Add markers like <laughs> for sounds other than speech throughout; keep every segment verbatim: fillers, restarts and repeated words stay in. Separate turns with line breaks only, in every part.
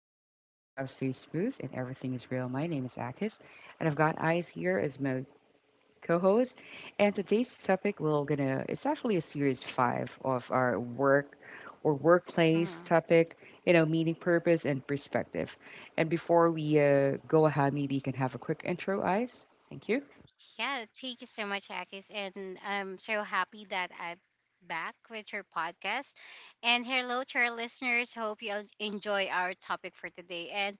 flow easy and the vibe stays smooth and everything is real. My name is Akis, and I've got Eyes here as my co-host. And today's topic we're gonna it's actually a series five of our work or workplace
Mhm.
topic. You know, meaning, purpose, and perspective. And before we uh, go ahead, maybe you can have a quick intro, Eyes. Thank you.
Yeah, thank you so much, Akis, and I'm so happy that I'm back with your podcast. And hello to our listeners. Hope you all enjoy our topic for today. And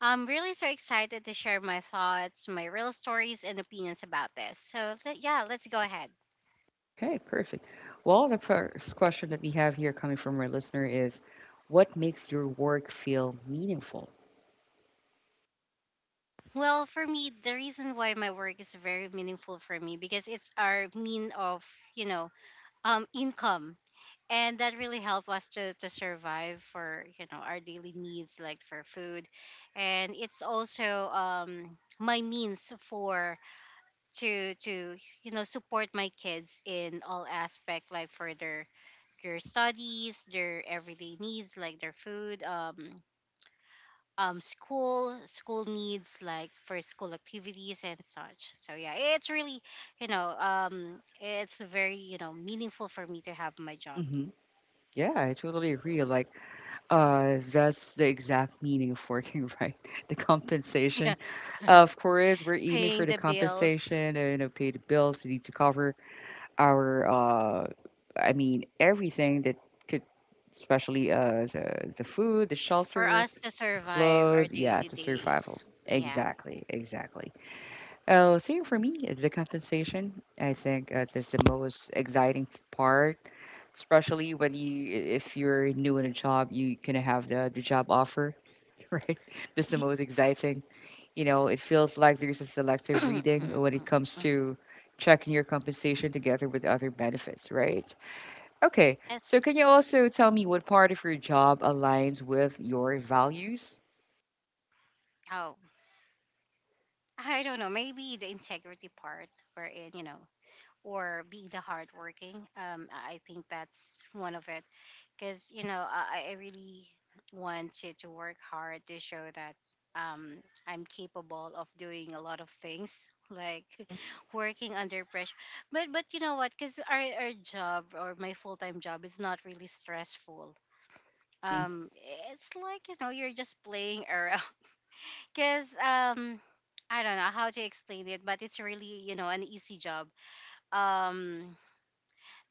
I'm really so excited to share my thoughts, my real stories, and opinions about this. So le- yeah, let's go ahead.
Okay, perfect. Well, the first question that we have here coming from our listener is, what makes your work feel meaningful?
Well, for me, the reason why my work is very meaningful for me because it's our mean of you know um income, and that really helped us to, to survive for you know our daily needs like for food. And it's also um my means for to to you know support my kids in all aspect, like for their their studies, their everyday needs like their food, um um school school needs like for school activities and such. So yeah, it's really
Hmm.
you know um it's very you know meaningful for me to have my job.
Hmm. Yeah, I totally agree. Like, uh, that's the exact meaning of working <laughs> right. The
<laughs> Yeah,
compensation. Of course, we're aiming
paying
for the
the bills
compensation, and you know, pay the bills. We need to cover our, uh, I mean, everything that could, especially uh, the the food, the
for
shelter,
us to
the
survive our
clothes. Yeah,
daily
the survival.
days. Yeah. <clears throat>
Exactly, exactly. Uh, same for me. The compensation. I think uh, that's the most exciting part, especially when you if you're new in a job you can have the, the job offer, <laughs> right? That's the most exciting. You know, it feels like there's a selective
Mhm,
reading when it
mhm,
comes
mhm.
to checking your compensation together with other benefits, right? Okay,
Yes.
so can you also tell me what part of your job aligns with your values?
Oh, I don't know. Maybe the integrity part, wherein you know, or be the hardworking. Um, I think that's one of it. Because you
Hmm.
know I, I really want to, to work hard to show that, um, I'm capable of doing a lot of things like
Hmm.
<laughs> working under pressure. But but you know what? Because our our job or my full time job is not really stressful.
Hmm.
Um, it's like you know you're just playing around. <laughs> Because um, I don't know how to explain it, but it's really you know an easy job. Um,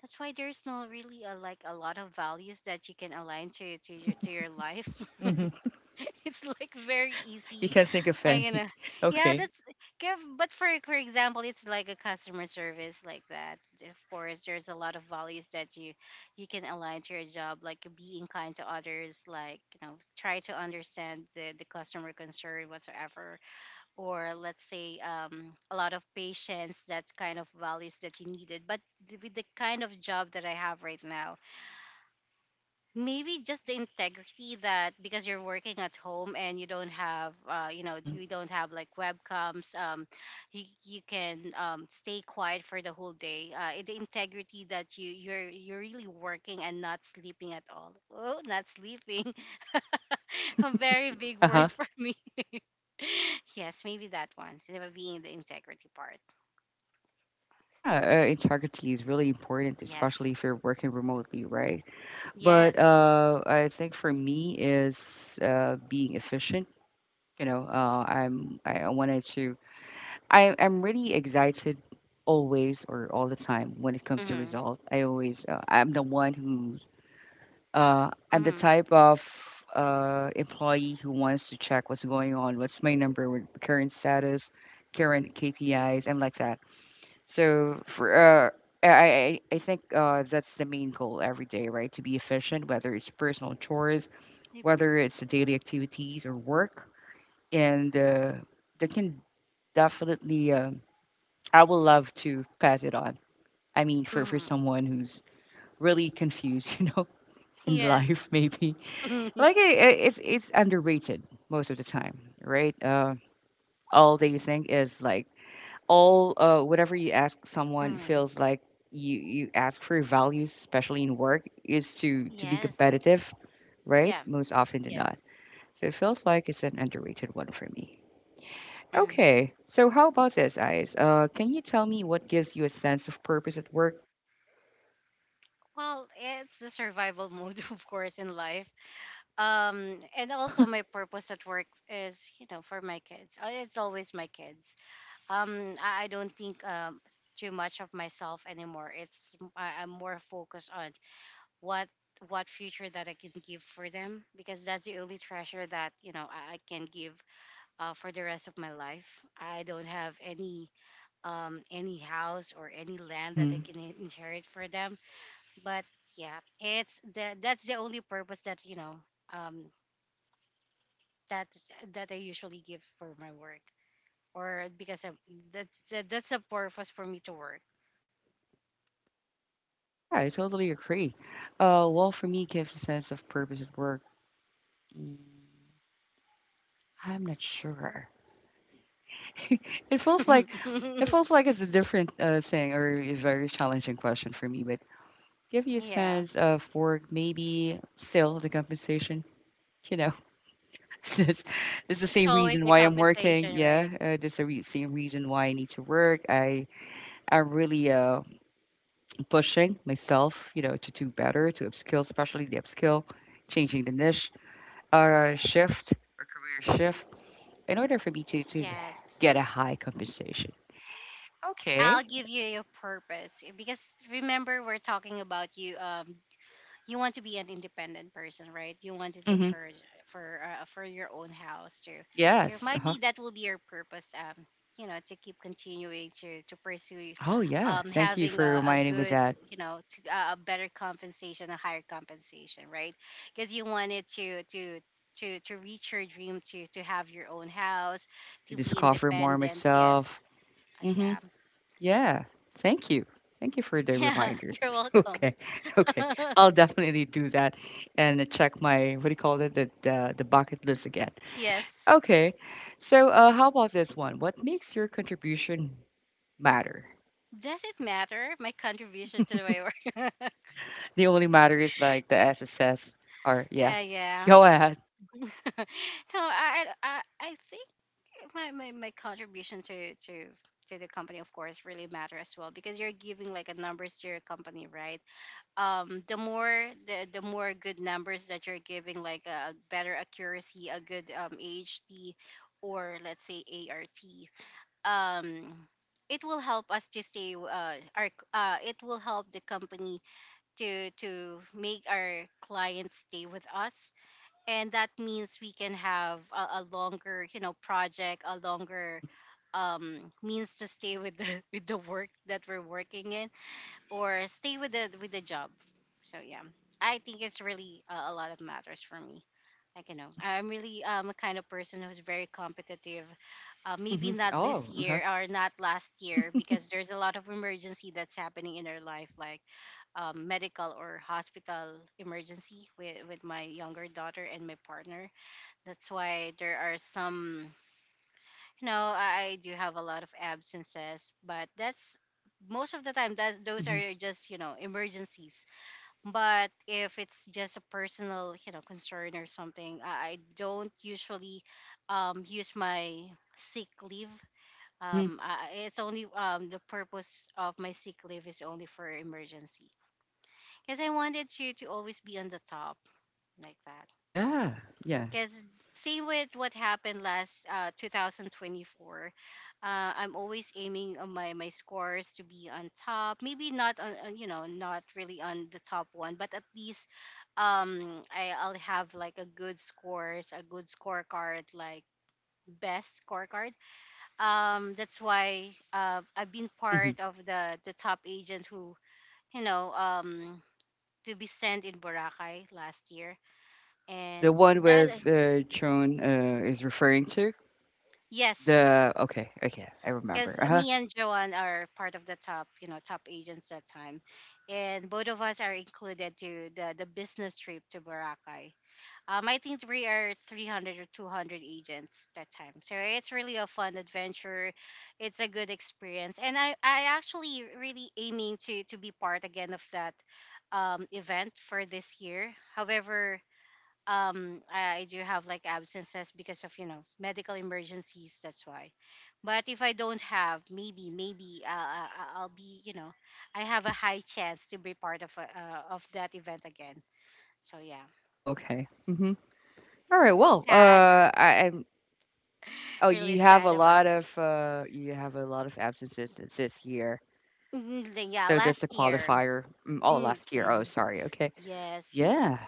that's why there's no really a, like a lot of values that you can align to to your to your life. <laughs>
Hmm.
It's like very
You
easy.
can't think of
I'm
any?
gonna
<laughs>
yeah,
Okay.
that's give. But for for example, it's like a customer service like that. Of course, there's a lot of values that you you can align to your job, like being kind to others, like you know try to understand the the customer concern whatsoever, or let's say, um, a lot of patience, that kind of values that you needed. But th- with the kind of job that I have right now, maybe just the integrity, that because you're working at home and you don't have uh, you know
Hmm.
you don't have like webcams, um, you, you can um, stay quiet for the whole day, uh, eh, the integrity that you you're you're really working and not sleeping at all. Oh, not sleeping. <laughs> A very big
Uh-huh.
word for me. <laughs> Yes, maybe that one, so that being the integrity part.
Yeah, uh, integrity is really important,
Yes.
especially if you're working remotely, right? But
Yes.
uh, I think for me is uh, being efficient. You know, uh, I'm I I wanted to. I I'm really excited always or all the time when it comes to
Mm-hmm.
result. I always uh, I'm the one who uh, I'm the
Mm-hmm.
type of uh, employee who wants to check what's going on, what's my number, what current status, current K P Is. I'm like that. So for uh, I, I I I think uh, that's the main goal every day, right? To be efficient, whether it's personal chores,
Yep.
whether it's daily activities or work. And uh, that can definitely, um I would love to pass it on. I mean, for, for
Mm-hmm.
someone who's really confused, <laughs> you know, in
Yes.
life, maybe.
<laughs>
Like, i i- it's, it's underrated most of the time, right? Uh, all they think is like, all, uh, whatever you ask someone
Mm-hmm.
feels like you, you ask for values, especially in work, is to, to be
Yes.
competitive, right?
Yeah.
Most often than not.
Yes.
So it feels like it's an underrated one for me.
hmm
Okay, so how about this, Ice? Uh, can you tell me what gives you a sense of purpose at work?
Well, it's the survival mode, <laughs> of course, in life. Um, and
<laughs>
also my purpose at work is, you know, for my kids. Uh, It's always my kids. Um, I, I don't think um too much of myself anymore. It's I, I'm more focused on what what future that I can give for them, because that's the only treasure that you know I, I can give uh, for the rest of my life. I don't have any um, any house or any land that they
Hmm.
can in- inherit for them. But yeah, it's the that's the only purpose that you know, um, that that I usually give for my work, or because I'm, that's that, that's a purpose for me to work.
Yeah, I totally agree. Uh, well, for me, gives a sense of purpose at work. I'm not sure. It feels like
<laughs>
it feels like it's a different uh, thing or a very challenging question for me. But give you a
Yeah,
sense of work, maybe still the compensation. You know, <laughs> it's, it's
it's
the same
always the
reason why I'm
compensation,
working.
right?
Yeah, uh, it's the re- same reason why I need to work. I I'm really uh pushing myself, you know, to do better, to upskill, especially the upskill, changing the niche, uh, shift or career shift in order for me to, to
Yes,
get a high compensation. Okay.
I'll give you your purpose, because remember, we're talking about you. um you want to be an independent person, right? You want to look
Mm-hmm.
for for uh, uh, for your own house too. So it
Yes.
might
Uh-huh.
be that will be your purpose. Um, you know, to keep continuing to to pursue,
Oh, yeah.
um,
Thank you
having a,
for
a
reminding me
good,
that
you know, to, a a better compensation, a higher compensation, right? Because you wanted to to to to reach your dream to to have your own house,
to
to be
discover more
independent.
myself.
Yes. Uh,
Mm-hmm.
yeah.
Yeah. Thank you. Thank you for
<laughs>
the
Yeah.
reminder. <laughs>
You're welcome.
Okay. Okay.
<laughs>
I'll definitely do that and check my, what do you call it, the, the, the bucket list again.
Yes.
Okay. So, uh, how about this one? What makes your contribution matter?
Does it matter, my contribution to the way work? <laughs>
The only matter is like the S S S or yeah.
Uh, yeah.
Go ahead.
<laughs> No, I, I I think my, my, my contribution to, to to the company of course really matter as well, because you're giving like a numbers to your company, right? Um, the more the, the more good numbers that you're giving, like a better accuracy, a good um A H T, or let's say A R T. Um, it will help us to stay uh, our uh, it will help the company to to make our clients stay with us, and that means we can have a, a longer you know project, a longer
Hmm.
um, means to stay with the <laughs> with the work that we're working in, or stay with the with the job. So yeah, I think it's really a, a lot of matters for me. I can know,
Hmm.
I'm really um a kind of person who's very competitive. Uh, maybe
Hmm.
not this
Oh, uh.
year or not last year, because there's a lot of emergency that's happening in our life, like um, medical or hospital emergency with with my younger daughter and my partner. That's why there are some, you know, I I do have a lot of absences, but that's most of the time, that's those
Hmm.
are just you know emergencies. But if it's just a personal, you know, concern or something, I I don't usually um, use my sick leave.
Hmm.
Um, I, it's only um, the purpose of my sick leave is only for emergency, because I wanted to to always be on the top like that.
Yeah. Yeah.
Because same with what happened last uh, two thousand twenty-four, uh, I'm always aiming on my, my scores to be on top. Maybe not on on, you know, not really on the top one, but at least um I, I'll have like a good scores, a good scorecard, like best scorecard. Um, that's why uh, I've been
Hmm.
part of the the top agents who you know um to be sent in Boracay last year,
Oh, the
and
one
that,
with uh, Joan uh, is referring to
yes,
the, okay, okay, I remember.
because
Uh-huh.
me and Joanne are part of the top, you know, top agents that time, and both of us are included to the the business trip to Boracay. Um, I think we are three hundred or two hundred agents that time, so it's really a fun adventure. It's a good experience, and I I actually really aiming to to be part again of that um event for this year. However, um I, I do have like absences because of you know medical emergencies, that's why. But if I don't have, maybe maybe uh, I- I- I'll be you know I have a high chance to be part of a, uh, of that event again. So yeah,
Oh, okay. Hmm. All right. Well,
sad.
uh, I, I'm. Oh,
<laughs> Really
you have a
sad about.
lot
<laughs>
of uh, you have a lot of absences th- this year.
Mm, the- yeah,
So that's a
last year.
qualifier. Mm, oh,
Mm-hmm.
last year. Oh,
Mm-hmm.
sorry. Okay.
Yes,
Yeah.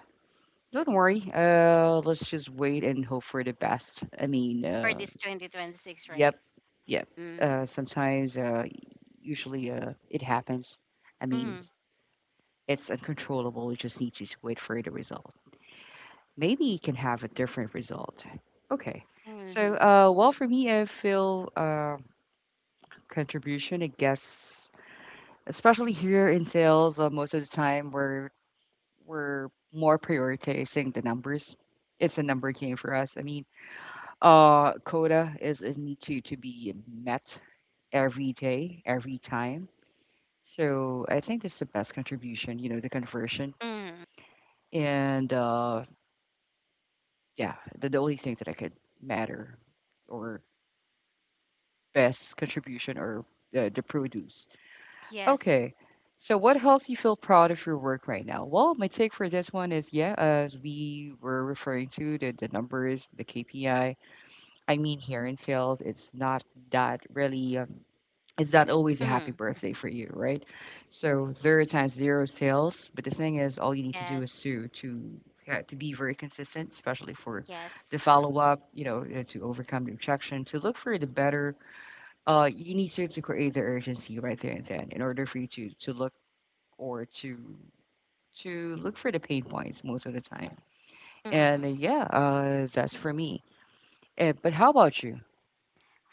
Don't worry. Uh, let's just wait and hope for the best. I mean,
for
uh,
this twenty twenty-six, right.
yep, yep.
Mm-hmm.
Uh, sometimes, uh, usually, uh, it happens. I mean,
Mm-hmm.
it's uncontrollable. We just need to to wait for the result. Maybe you can have a different result. Okay. So,
Mm-hmm.
uh, well, for me, I feel uh, contribution. I guess, especially here in sales, uh, most of the time we're we're more prioritizing the numbers. It's a number game for us. I mean, uh, quota is is need to to be met every day, every time. So I think that's the best contribution. You know, the conversion,
Mm-hmm.
and uh, yeah, the, the only thing that I could matter or best contribution or uh, the produce.
Yes.
Okay. So what helps you feel proud of your work right now? Well, my take for this one is, yeah, as we were referring to the, the numbers, the K P I. I I mean, here in sales, it's not that really, um, it's not always a happy
Mm.
birthday for you, right? So there are times zero sales, but the thing is, all you need to do is
Yes.
to to yeah, to be very consistent, especially for
Yes.
the follow up. You know, uh, to overcome the objection, to look for the better uh, you need to, to create the urgency right there and then in order for you to to look or to to look for the pain points most of the time. And uh,
Mm-hmm.
yeah, uh, that's for me. Uh, but how about you?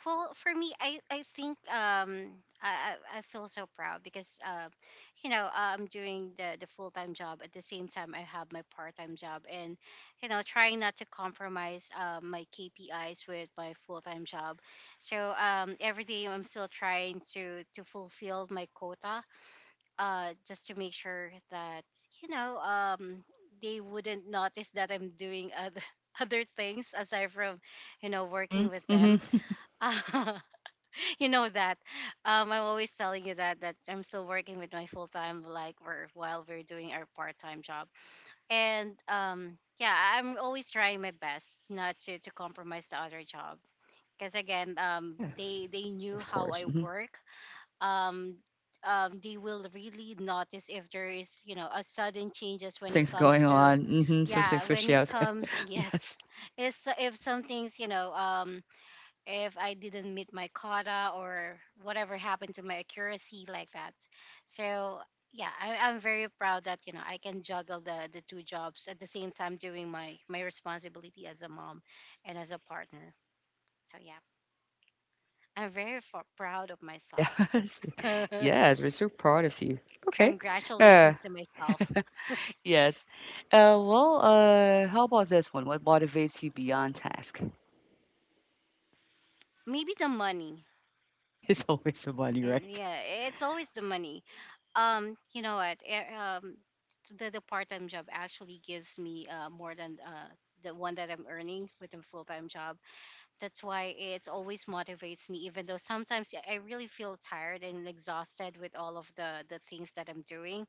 Well, for me, I I think um I I I feel so proud because uh, you know uh, I'm doing the the full time job at the same time I have my part time job, and you know trying not to compromise uh, my K P Is with my full time job. So um every day I'm still trying to to fulfill my quota, uh just to make sure that you know um they wouldn't notice that I'm doing other <laughs> other things aside from you know
Hmm.
working with
Hmm.
them. <laughs> <laughs> You know that. Um, I'm always telling you that that I'm still working with my full time like we're while we're doing our part time job. And um, yeah, I'm always trying my best not to to compromise the other job. Because again, um,
Yeah,
they they knew
of
how
course.
I
Hmm.
work. Um, um, they will really notice if there is you know a sudden changes when it
Something's
comes
going
to,
on. Hmm. Something
yeah, when
fishy
it
out there.
comes <laughs>
<laughs> yes.
yes. It's if something's you know um if I didn't meet my quota or whatever happened to my accuracy like that. So yeah, I, I'm very proud that you know I can juggle the the two jobs at the same time doing my my responsibility as a mom and as a partner. So yeah, I'm very f- proud of myself.
Yes.
<laughs>
<laughs> Yes. We're so proud of you. Okay. Uh,
Congratulations to myself.
yes. Uh, well, uh, how about this one? What motivates you beyond task?
Maybe the money.
<laughs> it's always the money,
Eh,
right?
yeah, it's always the money. Um, you know what? eh, Um, the the part time job actually gives me uh, more than uh, the one that I'm earning with a full time job. That's why it always motivates me, even though sometimes I I really feel tired and exhausted with all of the the things that I'm doing.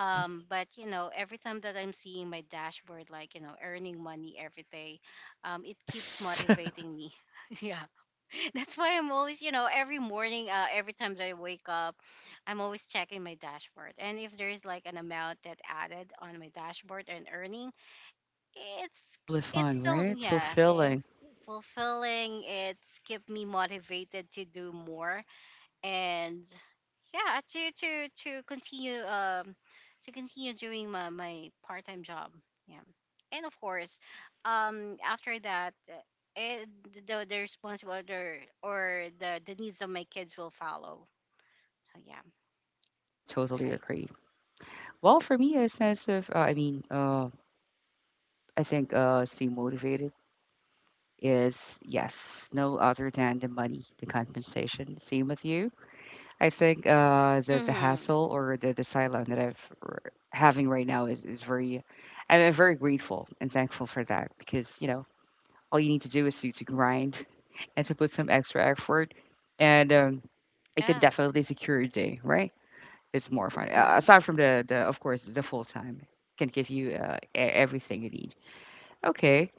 Hmm.
but you know, every time that I'm seeing my dashboard, like you know, earning money every day, um, it keeps
Yes. <laughs>
motivating me. <laughs> Yeah, <laughs> that's why I'm always, you know, every morning, uh, every time that I wake up, I'm always checking my dashboard. And if there is like an amount that added on my dashboard and earning, it's
It's really
it's
fun,
still,
right?
yeah, eh,
Fulfilling.
fulfilling. It's keep me motivated to do more. And, yeah, to to to continue um to continue doing my, my part-time job. Yeah. And of course, um after that, uh, it, the the responsibility or or the the needs of my kids will follow. So, yeah.
I totally
Right.
agree. Well, for me, a sense of, uh, I mean, uh, I think uh, staying motivated is, yes, no other than the money, the compensation. Same with you. I think uh, the the
Mm-hmm.
hassle or the the sideline that I've r- having right now is is very, I'm I'm very grateful and thankful for that because you know all you need to do is to, to grind <laughs> and to put some extra effort, and um, it can
Yeah.
definitely secure your day, right? It's more fun. Uh, aside
Mm-hmm.
from the, the, of course, the full time can give you uh, e- everything you need. Okay.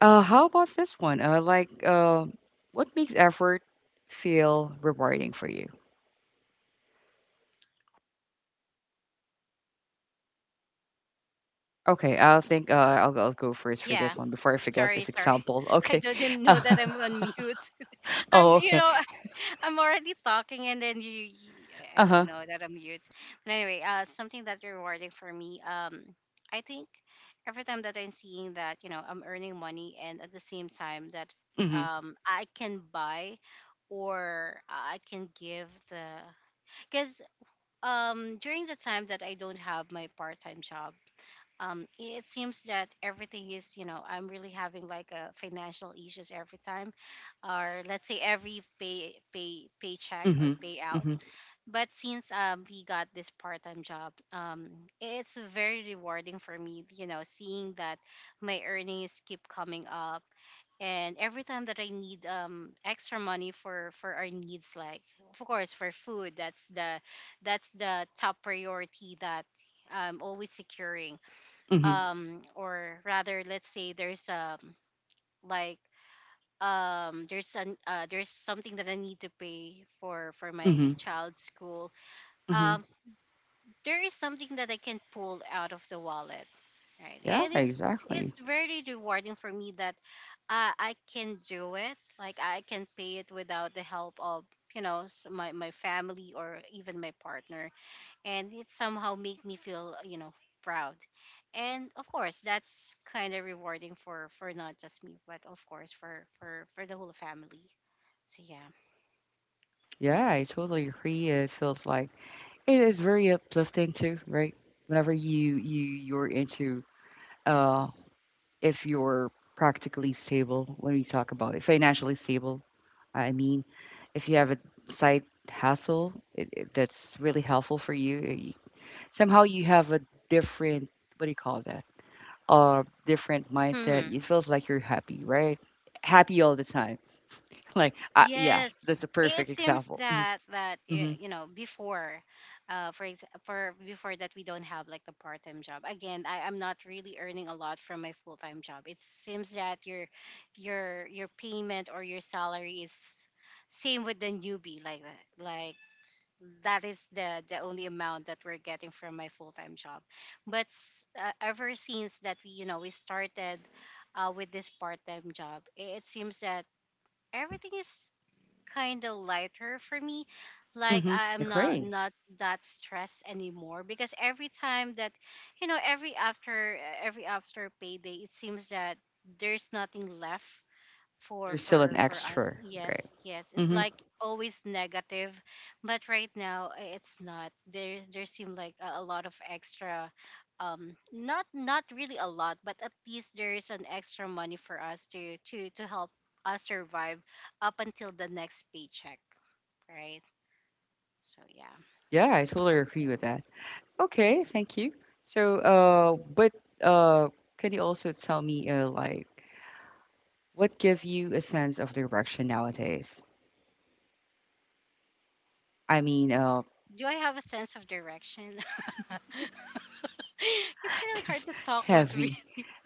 Uh, how about this one? Uh, like, uh, what makes effort feel rewarding for you? Okay, I'll think. Uh, I'll, go- I'll go first for this
Yeah.
one before I forget
Sorry,
this
sorry.
example.
<laughs> I
Okay. <laughs>
didn't know
Uh,
that I'm on mute. <laughs> I'm
oh,
you
okay.
know I'm already talking, and then you, you I I
Uh huh.
don't know that I'm mute. But anyway, uh something that's rewarding for me. Um I think every time that I'm seeing that, you know, I'm earning money, and at the same time that
Mhm.
um I can buy, or I can give the cuz um during the time that I don't have my part-time job, um, it seems that everything is, you know, I'm really having like a financial issues every time, or let's say every pay pay paycheck or
Mhm.
payout.
Mhm.
But since um, we got this part-time job, um, it's very rewarding for me, you know, seeing that my earnings keep coming up. And every time that I need um extra money for for our needs, like of course for food, that's the that's the top priority that I'm always securing.
Mhm.
Um or rather, let's say there's um like um there's an uh, there's something that I need to pay for for my
Mhm.
child's school.
Mhm.
um there is something that I can pull out of the wallet, right?
Yeah,
And it's
exactly.
it's very rewarding for me that uh, I can do it. Like I can pay it without the help of, you know, s- my my family or even my partner. And it somehow make me feel, you know, proud. And of course that's kind of rewarding for for not just me, but of course for for for the whole family. So, yeah.
Yeah, I totally agree. It feels like it is very uplifting too, right? Whenever you you you're into uh if you're practically stable when we talk about it, financially stable, I mean, if you have a side hustle, it, it, that's really helpful for you. Eh, you- somehow you have a different, what do you call that? Uh, different mindset.
Hmm.
It feels like you're happy, right? Happy all the time. <laughs> Like uh, yes,
Yes.
that's a
It
perfect
seems
example. Mhm.
that that eh,
Mhm.
you know, before uh for ex- for before that we don't have like the part-time job again. I, i'm not really earning a lot from my full-time job. It seems that your your your payment or your salary is same with the newbie, like that, like that is the the only amount that we're getting from my full-time job. But s- uh, ever since that we, you know, we started uh, with this part-time job, i- it seems that everything is kind of lighter for me. Like
Mhm.
i'm not
Agree.
not that stressed anymore, because every time that, you know, every after uh, every after payday, it seems that there's nothing left for
There's still
for
an
for us.
extra, right?
Yes, yes, it's
Mhm.
like always negative. But right now, i- it's not. There, there seem like a, a lot of extra. Um not not really a lot, but at least there is an extra money for us to to to help us survive up until the next paycheck. Right. So, yeah.
Yeah, I totally agree with that. Okay, thank you. So, uh, but uh, can you also tell me, uh, like, what give you a sense of direction nowadays? I mean, uh,
Do I have a sense of direction? <laughs> It's
<laughs>
really hard
this
to talk with me.
heavy,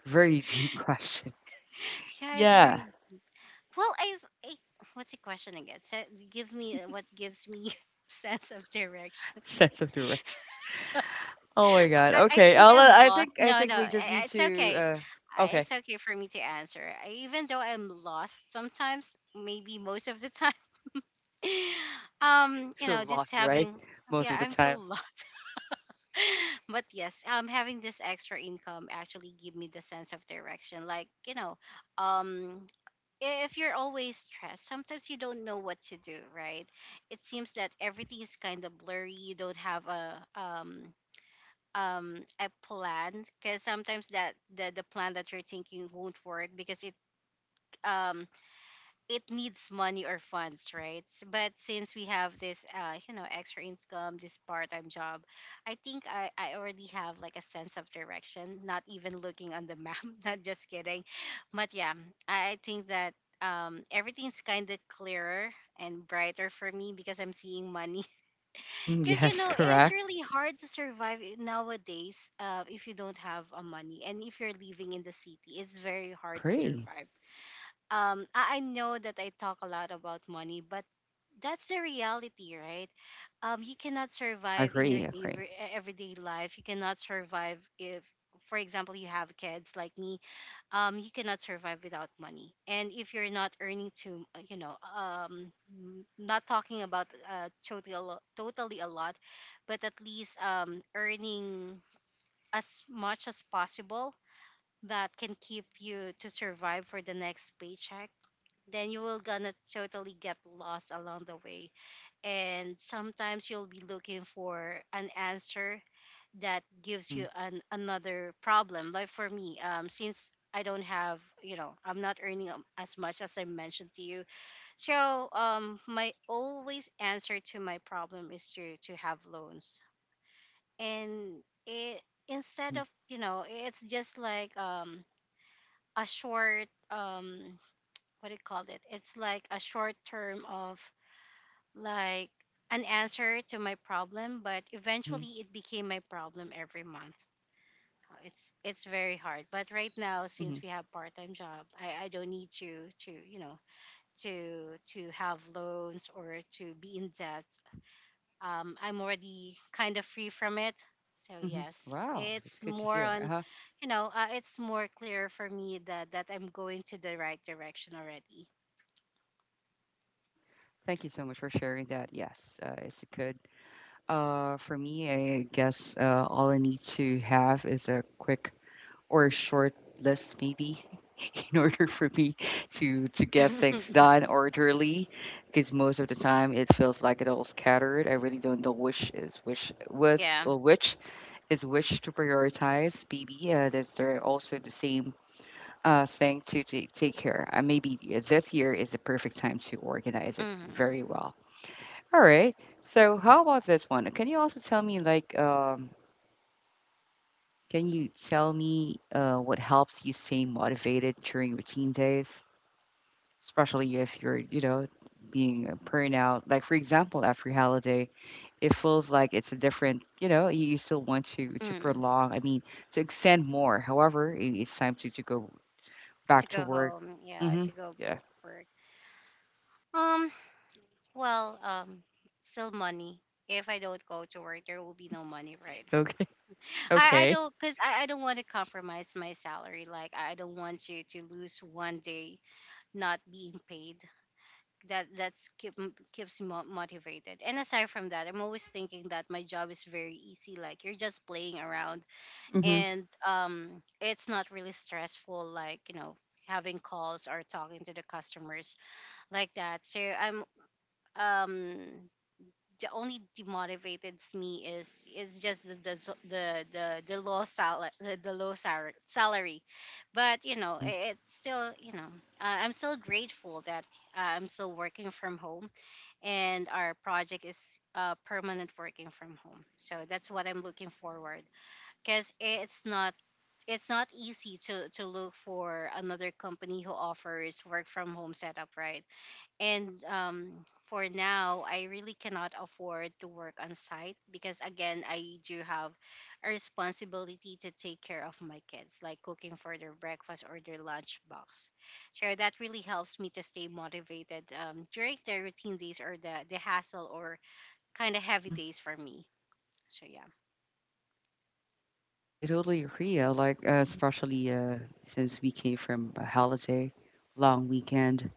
very deep question.
<laughs> Yeah, it's
Yeah,
very... Well, I, I What's the question again? So, give me uh, what gives me <laughs> sense of direction.
<laughs> sense of direction. Oh my God.
I, I
Okay.
think
I'll, uh,
I'm
I
lost.
think I
No,
think
no,
we just
I- I-
need
it's
to.
okay.
Uh,
I-
okay,
It's okay for me to answer. I, even though I'm lost sometimes, maybe most of the time. <laughs> um, you
feel
know, just
lost, right?
having...
Most
Yeah,
of the
I feel
time.
lost. <laughs> But yes, um having this extra income actually give me the sense of direction. Like, you know, um if you're always stressed, sometimes you don't know what to do, right? It seems that everything is kind of blurry. You don't have a um um a plan, because sometimes that the the plan that you're thinking won't work because it um it needs money or funds, right? S- But since we have this, uh, you know, extra income, this part-time job, I think I, I already have like a sense of direction. Not even looking on the map. <laughs> Not just kidding, but yeah, I, I think that um everything's kind of clearer and brighter for me because I'm seeing money. <laughs>
Mhm,
Because, you
yes,
know, it's
correct.
really hard to survive i- nowadays. Uh, if you don't have a money, and if you're living in the city, it's very hard to
Agree.
survive. um I, I know that I talk a lot about money, but that's the reality, right? Um,
Mhm,
you cannot survive in your
agree.
day,
Agree.
everyday life. You cannot survive if, for example, you have kids like me. Um, you cannot survive without money. And if you're not earning too, uh, you know, um, n- not talking about uh, totally a lot, totally a lot, but at least um, earning as much as possible, that can keep you to survive for the next paycheck. Then you will gonna totally get lost along the way, and sometimes you'll be looking for an answer that gives
Hmm.
you an another problem. Like for me, um since I don't have, you know, I'm not earning um, as much as I mentioned to you. So, um, my always answer to my problem is to to have loans. And it... instead
Hmm.
of, you know, it's just like um a short, um what do you call it? It's like a short term of like an answer to my problem, but
Hmm.
eventually it became my problem every month. Uh, It's it's very hard. But right now, since
Hmm.
we have part time job, I, I don't need to to you know to to have loans or to be in debt. Um, I'm already kind of free from it. So
Mhm.
yes,
Wow, it's
it's
good to
more
hear.
on,
Uh-huh.
you know, uh, it's more clear for me that that I'm going to the right direction already.
Hey, thank you so much for sharing that. Yes, uh, it's good. Uh, for me, I guess uh, all I need to have is a quick or a short list, maybe, <laughs> in order for me to to get things
<laughs>
done orderly. Because most of the time, it feels like it all scattered. I really don't know which is which was
Yeah.
or which is which to prioritize. Maybe uh, there's there are also the same uh, thing to take, take care. Uh, maybe yeah, this year is the perfect time to organize it
Mm-hmm.
very well. All right. So how about this one? Can you also tell me like um, can you tell me uh, what helps you stay motivated during routine days, especially if you're you know being a burnout? Like for example, after holiday, it feels like it's a different. You know, you, you still want to to
Mm.
prolong. I mean, to extend more. However, i- it's time to to go
To
back to
go
work.
home. Yeah.
Mm-hmm.
to go
Yeah.
bo- work. um well, um still money. If I don't go to work, there will be no money, right?
<laughs> Okay.
<laughs> i i
Okay.
don't, because I, I don't want to compromise my salary. Like I don't want to to lose one day not being paid. That that's keep, m- keeps me mo- motivated. And aside from that, I'm always thinking that my job is very easy, like you're just playing around
Mhm.
and um it's not really stressful, like, you know, having calls or talking to the customers, like that. So I'm um the only demotivates me is is just the the s- the, the, the low salary, the, the low sal- salary. But, you know,
Mhm.
i- it's still, you know, uh, I'm still grateful that uh, I'm still working from home, and our project is uh permanent working from home. So that's what I'm looking forward, because it's not, it's not easy to to look for another company who offers work from home setup, right? And um, for now, I really cannot afford to work on site because, again, I do have a responsibility to take care of my kids, like cooking for their breakfast or their lunch box. So that really helps me to stay motivated um, during the routine days or the, the hassle or kind of heavy
Mhm.
days for me. So, yeah.
Yeah, I totally agree. I like, uh, especially uh, since we came from a holiday, long weekend.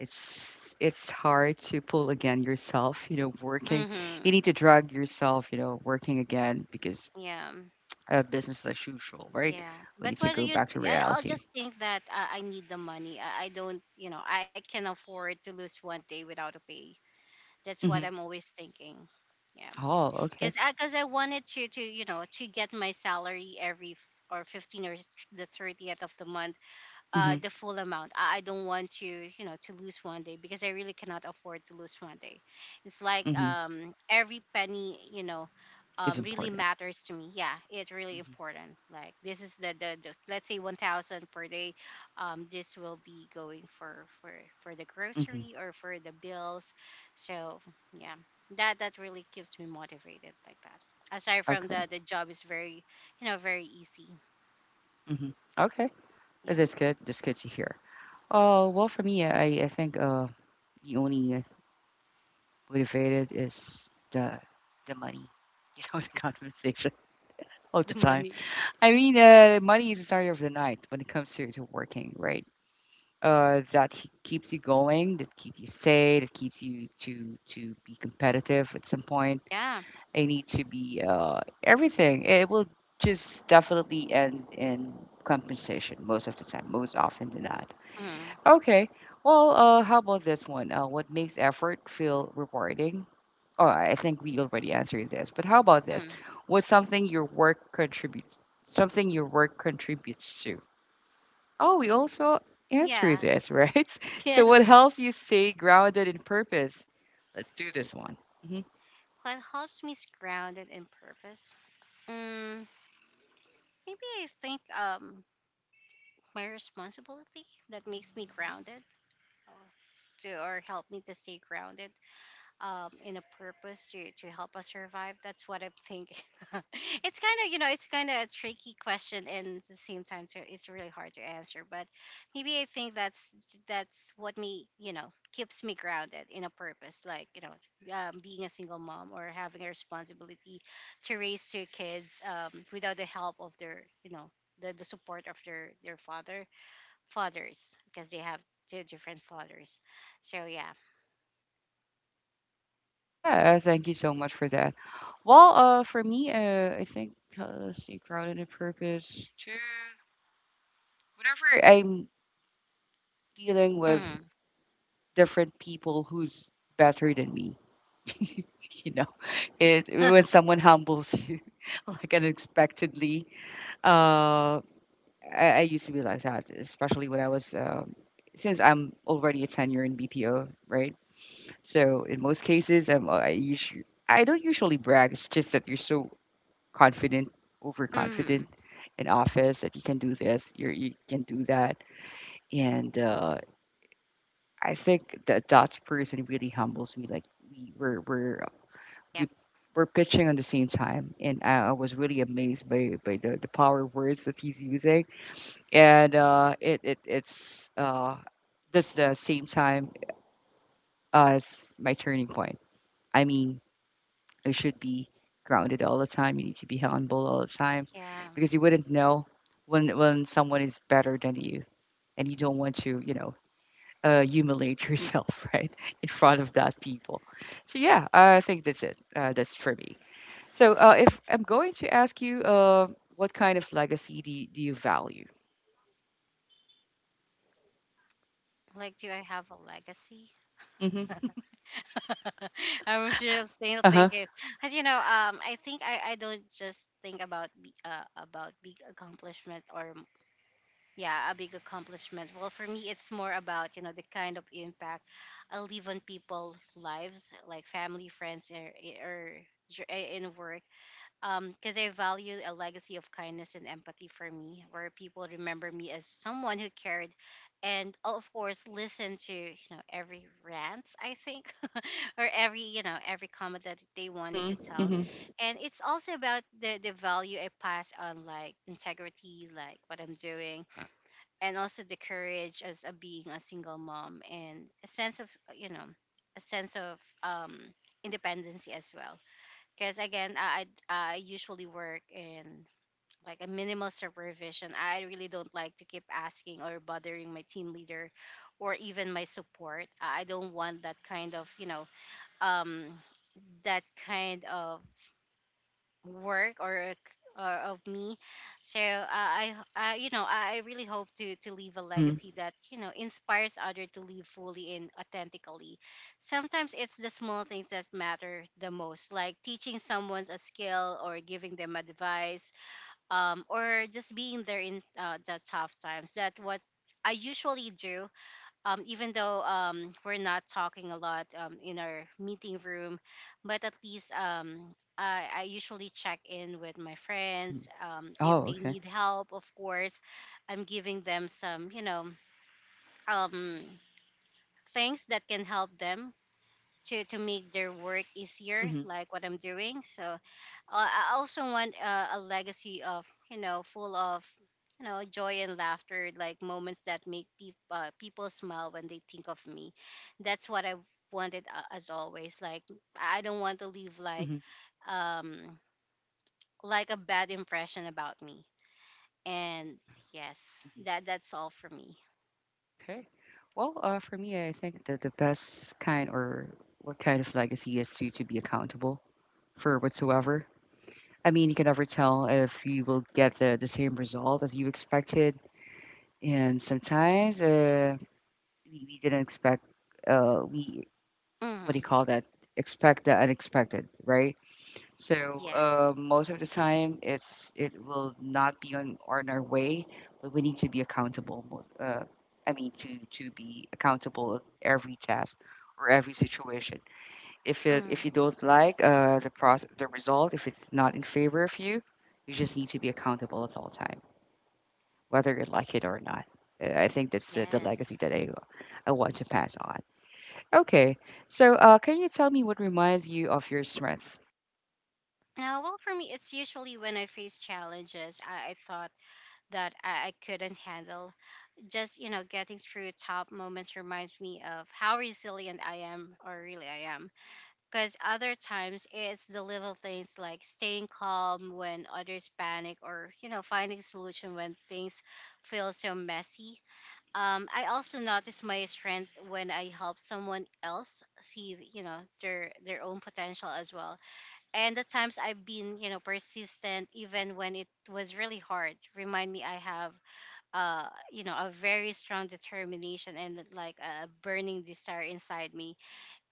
It's it's hard to pull again yourself. You know, working. You
Mm-hmm.
need to drag yourself. You know, working again because
Yeah, mm,
uh, business as usual, right?
yeah.
We
But
need to
what do
go
you?
back to
th- I, I'll
reality.
just think that uh, I need the money. I, I don't, you know, I can afford to lose one day without a pay. That's what
Hmm.
I'm always thinking. Yeah,
Oh, okay.
because I, cause I wanted to to you know to get my salary every f- or fifteen or s- the thirtieth of the month,
Hmm.
uh the full amount. I, I don't want to, you know, to lose one day because I really cannot afford to lose one day. It's like
Hmm.
um every penny, you know,
It's
um really
important.
matters to me. Yeah, it's really
Hmm.
important. Like this is the, the, the, let's say, one thousand per day. Um this will be going for for for the
Hmm.
grocery or for the bills. So, yeah. That that really keeps me motivated, like that, aside from
Okay.
the the job is very, you know, very easy.
Hmm. Okay. Uh,
Yeah.
That's good. That's good to hear. Uh, well, for me, I, I think uh, the only uh, motivated is the the money. <laughs> You know, the conversation <laughs> all
<laughs>
the
The
time.
money.
I mean, uh, money is the starter of the night when it comes to, to working, right? Uh, that h- keeps you going, that keeps you sane, that keeps you to to be competitive at some point.
Yeah.
I need to be uh, everything. It will just definitely end in compensation most of the time, most often than not.
Mm-hmm.
Okay. Well, uh, how about this one? Uh, what makes effort feel rewarding? Oh, I think we already answered this. But how about this?
Mm.
What's something your work contributes? Something your work contributes to? Oh, we also answered
Yeah.
this, right?
<laughs>
<laughs> So,
Yes.
what helps you stay grounded in purpose? Let's do this one. Hmm.
What helps me is grounded in purpose? Mm, maybe I think um my responsibility that makes me grounded to, or help me to stay grounded um, in a purpose to, to help us survive. That's what I think. <laughs> It's kind of, you know, it's kind of a tricky question, and at the same time, it's it's really hard to answer. But maybe I think that's that's what me, you know, keeps me grounded in a purpose, like, you know, um, being a single mom or having a responsibility to raise two kids, um, without the help of their, you know, the, the support of their their father fathers, because they have two different fathers. So, yeah.
Yeah, thank you so much for that. Well, uh, for me, uh, I think uh, let's see, grounded in purpose too. Whenever I'm dealing with
Mm.
different people who's better than me. <laughs> You know, it when
<laughs>
someone humbles you <laughs> like unexpectedly. Uh, I, I used to be like that, especially when I was. Um, since I'm already a tenure in B P O, right? So in most cases, I'm, uh, I usually I don't usually brag. It's just that you're so confident,
Mhm.
overconfident in office that you can do this, you're, you can do that, and uh, I think that that person really humbles me. Like we were we're we
Yep.
we're pitching on the same time, and I, I was really amazed by by the, the power words that he's using, and uh, it it it's uh that's the same time as my turning point. I mean, I should be grounded all the time. You need to be humble all the time,
Yeah.
because you wouldn't know when when someone is better than you, and you don't want to you know uh, humiliate yourself, <laughs> right, in front of that people. So yeah, I think that's it. Uh, that's for me. So uh, if I'm going to ask you, uh, what kind of legacy do you, do you value?
Like, do I have a legacy?
Mm-hmm.
<laughs> I was just still
Uh huh.
thinking, as you know, um, I think I, I don't just think about be- uh, about big accomplishment or m- yeah, a big accomplishment. Well, for me, it's more about you know the kind of impact I leave on people's lives, like family, friends, or, or dr- in work, because I value a legacy of kindness and empathy for me, where people remember me as someone who cared, and, oh, of course, listen to you know every rant I think, <laughs> or every you know every comment that they wanted to
Mm-hmm.
tell,
Mm-hmm.
and it's also about the the value I pass on, like integrity, like what I'm doing, and also the courage as a being a single mom, and a sense of you know a sense of um independency as well, because again, I, I I usually work in, like, a minimal supervision. I really don't like to keep asking or bothering my team leader or even my support. I I don't want that kind of you know um that kind of work or ex- or of me, so uh, I uh, you know I I really hope to to leave a
Mm-hmm.
legacy that you know inspires others to live fully and authentically. Sometimes it's the small things that matter the most, like teaching someone a skill or giving them advice, um, or just being there in uh, the tough times, that what I usually do. Um, even though um, we're not talking a lot, um, in our meeting room, but at least, um, I, I usually check in with my
Hmm.
friends. Um, if
Oh,
they
okay.
need help, of course, I'm giving them some, you know, um, things that can help them to to make their work easier,
Mm-hmm.
like what I'm doing. So, uh, I also want, uh, a legacy of you know full of you know joy and laughter, like moments that make peop uh, people smile when they think of me. That's what I wanted, uh, as always. Like, I don't want to leave like
Mm-hmm.
um like a bad impression about me. And
Yeah.
yes,
Mhm.
that that's all for me.
Okay. Well, uh, for me, I think that the best kind or what kind of legacy is to to be accountable for whatsoever. I mean, you can never tell if you will get the, the same result as you expected, And sometimes uh, we, we didn't expect, uh, we, what do you
Hmm.
call that? Expect the unexpected, right? So
Yes.
uh, most of the time, it's it will not be on, on our way, but we need to be accountable. mo- Uh, I mean, to to be accountable of every task or every situation. If it, if you
Hmm.
don't like uh, the process, the result, if it's not in favor of you, you just need to be accountable at all time, whether you like it or not. Uh, I think that's uh, the legacy
Yes.
that I I want to pass on. Okay. So, uh, can you tell me what reminds you of your strength?
Uh, well, for me, it's usually when I face challenges I, I thought that I, I couldn't handle. Just, you know, getting through top moments reminds me of how resilient I am, or really I am. Because other times, it's the little things, like staying calm when others panic, or, you know, finding solution when things feel so messy. Um, I also notice my strength when I help someone else see, you know, their, their own potential as well. And the times I've been, you know, persistent even when it was really hard, remind me I have, uh, you know, a very strong determination, and like a burning desire inside me.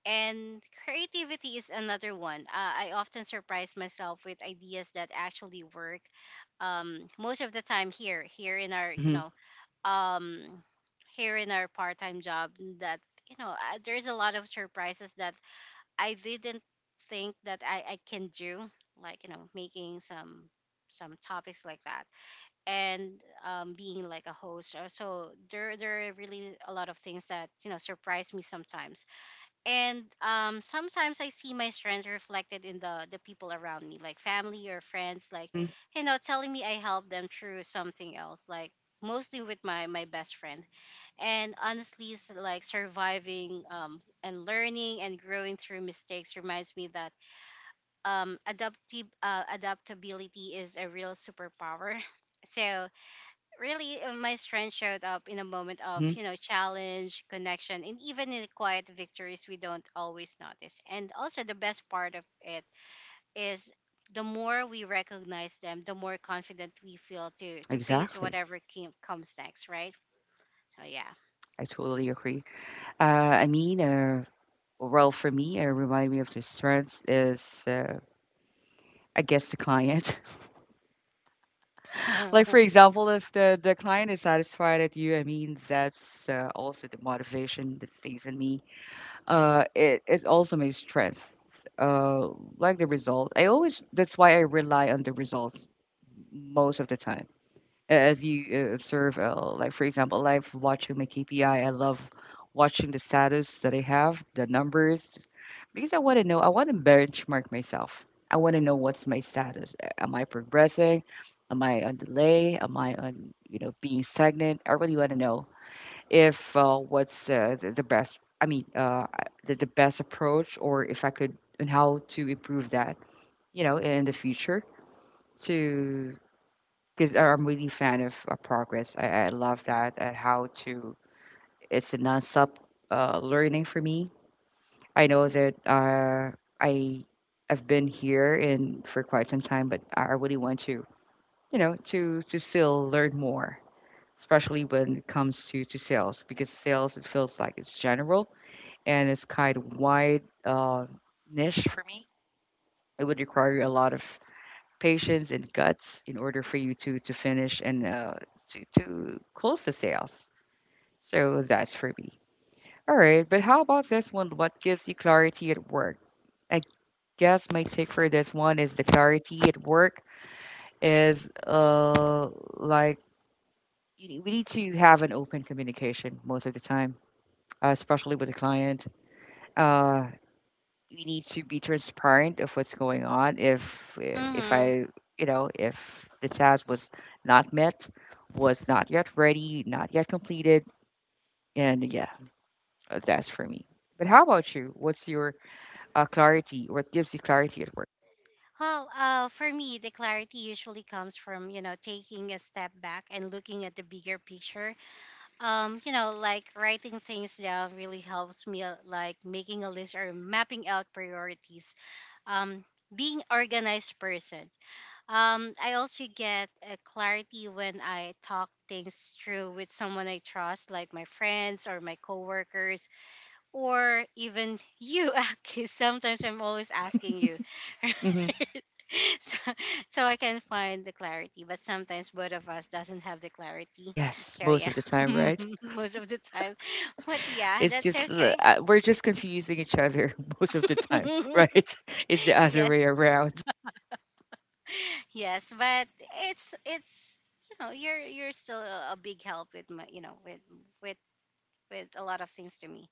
And creativity is another one. Uh, I often surprise myself with ideas that actually work. Um, most of the time, here, here in our, you
Mm-hmm.
know, um, here in our part-time job, that you know uh, there's a lot of surprises that I didn't think that I, I can do, like you know making some some topics like that, and um, being like a host. Uh, so there there are really a lot of things that you know surprise me sometimes. And um, sometimes I see my strengths reflected in the the people around me, like family or friends, like
Mm-hmm.
you know telling me I helped them through something else, like mostly with my my best friend. And honestly, s- like surviving, um, and learning and growing through mistakes reminds me that, um, adaptive, uh, adaptability is a real superpower. <laughs> So really, uh, my strength showed up in a moment of,
Mm-hmm.
you know challenge, connection, and even in the quiet victories we don't always notice. And also, the best part of it is, the more we recognize them, the more confident we feel to to face
Exactly.
whatever came, comes next, right? So
I totally agree. Uh, I mean, uh, well, for me, it remind me of the strength is, uh, I guess, the client. <laughs> Like,
yeah.
for example, if the, the client is satisfied at you, I mean, that's uh, also the motivation that stays in me. Uh, it, it's also my strength. Uh, like the result, I always, that's why I rely on the results most of the time as you uh, observe, uh, like for example, live watching my K P I, I I love watching the status that I have, the numbers, because I want to know, I want to benchmark myself. I want to know what's my status. A- Am I progressing? Am I on delay? Am I on, you know, being stagnant? I really want to know if uh, what's uh, the, the best, I mean, uh, I- the, the best approach or if I could, and how to improve that, you know, in the future to because I'm really fan of uh, progress. I, I love that and how to. It's a nonstop uh, learning for me. I know that uh, I I've been here in for quite some time, but I I really want to you know to to still learn more, especially when it comes to to sales because sales it feels like it's general and it's kind of wide uh, niche for me. It would require a lot of patience and guts in order for you to to finish and uh, to, to close the sales. So that's for me. All right, but how about this one? What gives you clarity at work? I guess my take for this one is the clarity at work is uh like you we need to have an open communication most of the time, uh, especially with the client. Uh, we need to be transparent of what's going on. If
<laughs>
uh, if
Mhm.
I you know if the task was not met, was not yet ready, not yet completed, and yeah, uh, that's for me. But how about you? What's your uh, clarity? What gives you clarity at work?
Well, uh, for me, the clarity usually comes from, you know, taking a step back and looking at the bigger picture. Um, you know, like writing things down really helps me, uh, like making a list or mapping out priorities. Um, being organized person. Um, I also get a clarity when I talk things through with someone I trust, like my friends or my coworkers, or even you, <laughs> Aki. Sometimes I'm always asking you, <laughs> right? <laughs>
Mm-hmm.
So, so I can find the clarity, but sometimes both of us doesn't have the clarity.
Yes,
So
most
yeah,
of the time,
<laughs>
right?
most of the time. But yeah,
It's
that's
just uh,
okay.
uh, We're just confusing each other <laughs> most of the time, right? <laughs> It's the
<laughs>
other
Yes,
way around.
yes, but it's it's you know you're you're still a, a big help with my you know with with with a lot of things to me.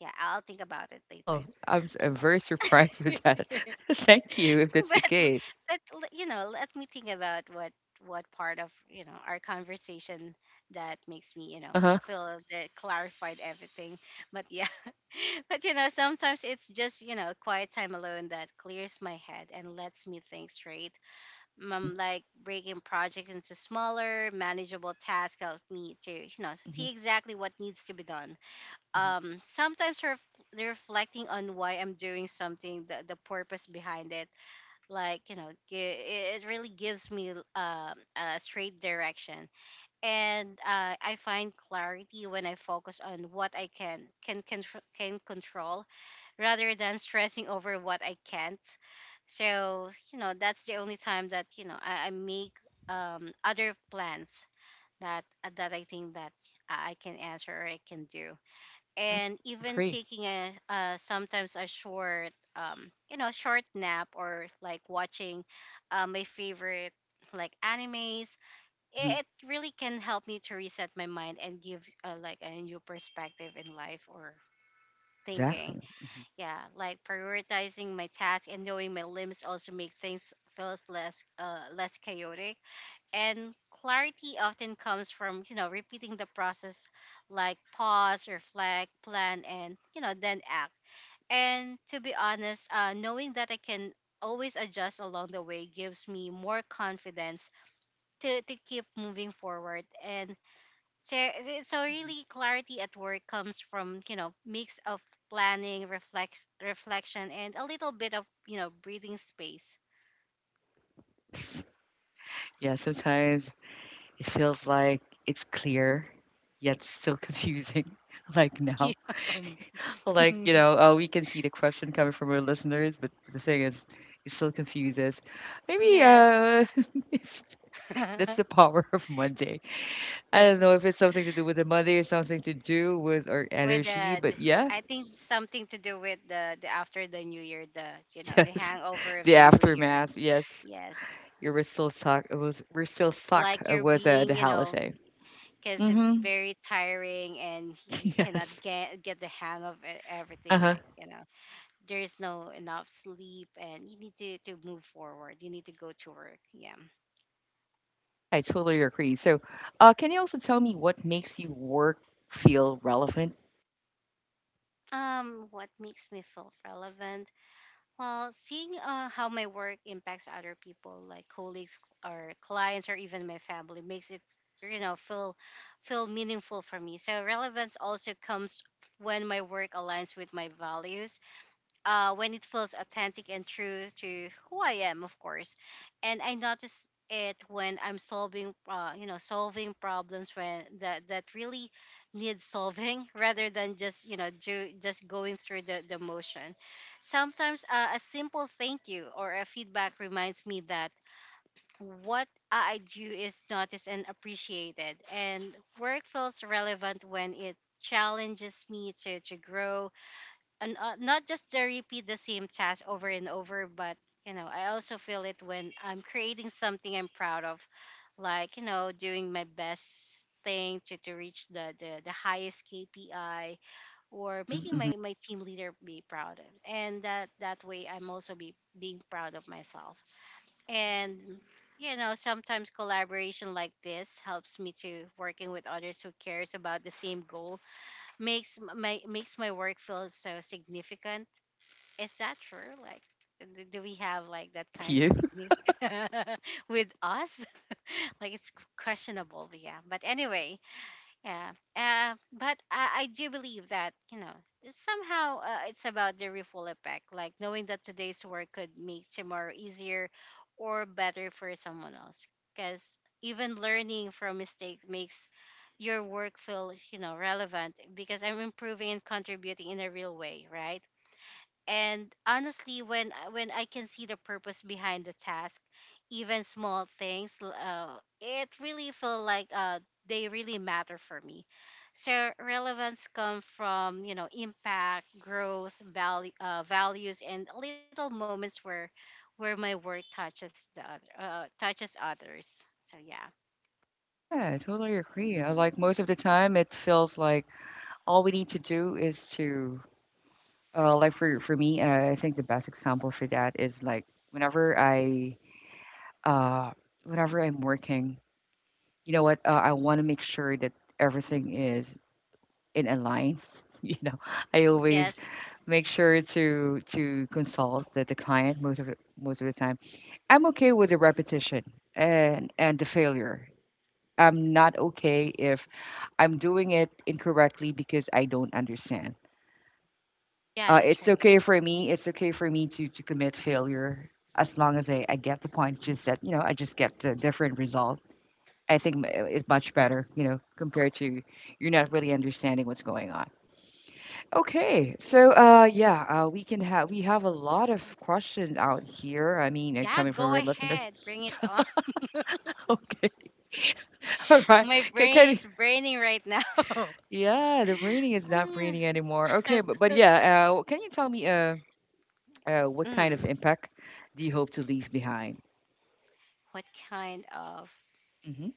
Yeah, I'll think about it later.
Well, I'm, s- I'm very surprised with that. <laughs> Thank you if
<laughs>
that's the
but
case.
but l- you know let me think about what what part of you know our conversation that makes me you know
Uh huh.
feel that clarified everything. But yeah, <laughs> but you know sometimes it's just you know quiet time alone that clears my head and lets me think straight,
Mhm,
um, like breaking projects into smaller manageable tasks help me to you know
mhm,
see exactly what needs to be done. Um sometimes ref- reflecting on why I'm doing something, the, the purpose behind it, like you know gi- it it really gives me, um, a straight direction. And uh, I find clarity when I focus on what I can can can can control, rather than stressing over what I can't. So you know that's the only time that you know i, I make, um, other plans that uh, that I think that i I can answer or I can do.
mhm.
And even
Agree.
taking a uh, sometimes a short um you know short nap, or like watching, uh, my favorite, like animes,
Mhm.
it, it really can help me to reset my mind and give, uh, like, a new perspective in life, or thinking.
Exactly. Mhm.
Yeah, like prioritizing my tasks and knowing my limbs also make things feels less uh less chaotic. And clarity often comes from you know repeating the process, like pause, reflect, plan, and you know then act. And to be honest, uh, knowing that I can always adjust along the way gives me more confidence to, to keep moving forward. And so, so so
Mhm.
really, clarity at work comes from you know mix of planning, reflex reflection, and a little bit of, you know breathing space.
Yes. Yeah, sometimes it feels like it's clear, yet still confusing, <laughs> like now.
<laughs> Yum.
Like, you know, oh, we can see the question coming from our listeners, but the thing is, it still confuses.
<laughs>
Maybe
Yes.
uh, <laughs> it's, that's the power <laughs> of Monday. I don't know
<laughs>
if it's something to do with the Monday or something to do with our
with
energy,
the, the-
but yeah,
I think something to do with the, the after the new year, the you
<laughs>
know the
yes.
hangover of
The
the new year.
aftermath, yes.
Yes,
You were still stuck. It was we're still
it's
stuck
like
uh,
you're
with uh,
being,
the
you know
holiday.
because,
Mm-hmm.
very tiring, and
<laughs>
you cannot
Yes.
get get the hang of e- everything.
Uh-huh.
Like you know there's no enough sleep and you need to to move forward. You need to go to work. Yeah.
Yeah, I totally agree. So, uh, can you also tell me what makes you work feel relevant?
Um, what makes me feel relevant? Well, seeing, uh, how my work impacts other people, like colleagues or clients or even my family, makes it you know feel feel meaningful for me. So relevance also comes when my work aligns with my values, uh, when it feels authentic and true to who I am, of course. And I notice it when I'm solving, uh, you know, solving problems, when that that really need solving, <laughs> rather than just you know do just going through the the motion. Sometimes, uh, a simple thank you or a feedback reminds me that what I do is noticed and appreciated, and work feels relevant when it challenges me to to grow, and uh, not just to repeat the same task over and over, but you know I also feel it when I'm creating something I'm proud of, like you know doing my best thing to, to reach the, the the highest K P I, or making
Mm-hmm. Hmm.
my, my team leader be proud, and that that way I'm also be being proud of myself. And you know sometimes collaboration like this helps me to working with others who cares about the same goal, makes m- my makes my work feel so significant. Is that true? Like, do, do we have like that
Is it
kind of
you? <laughs>
significance <laughs> with us? <laughs> Like, it's questionable, but yeah. But anyway, yeah. Uh, but I, I do believe that, you know it's somehow, uh, it's about the ripple effect, like knowing that today's work could make tomorrow easier or better for someone else, because even learning from mistakes makes your work feel, you know relevant, because I'm improving and contributing in a real way, right? And honestly,
Mhm.
when I- when I can see the purpose behind the task, even small things, l- uh, it really feel like, uh, they really matter for me. So relevance come from, you know impact, growth, value uh, values, and little moments where where my work touches the other, uh, touches others, so yeah.
Yeah, I totally agree. I like most of the time it feels like all we need to do is to uh, like for for me, uh, I think the best example for that is like whenever I uh whenever I'm working, you know what, uh, I want to make sure that everything is in a line. <laughs> You know, I always
Yes.
make sure to to consult the, the client most of the, most of the time. I'm okay with the repetition and and the failure. I'm not okay if I'm doing it incorrectly because I don't understand.
Yeah,
Uh,
that's
it's
right.
okay for me. It's okay for me to to commit failure as long as I, I get the point. Just that you know, I just get the different result. I think m- it's much better, you know, compared to you're not really understanding what's going on. Okay, so uh, yeah, uh, we can have we have a lot of questions out here. I mean, uh,
Yeah,
coming from
go
our listener.
ahead, bring it
<laughs>
on.
Okay, <laughs> all
<laughs>
right.
My
Can,
brain
can you-
is braining right now.
yeah, the raining is not raining anymore. Okay,
<laughs> <laughs>
but but yeah, uh, can you tell me uh, uh, what kind of
Mm,
impact do you hope to leave behind?
what kind of?
Hmm.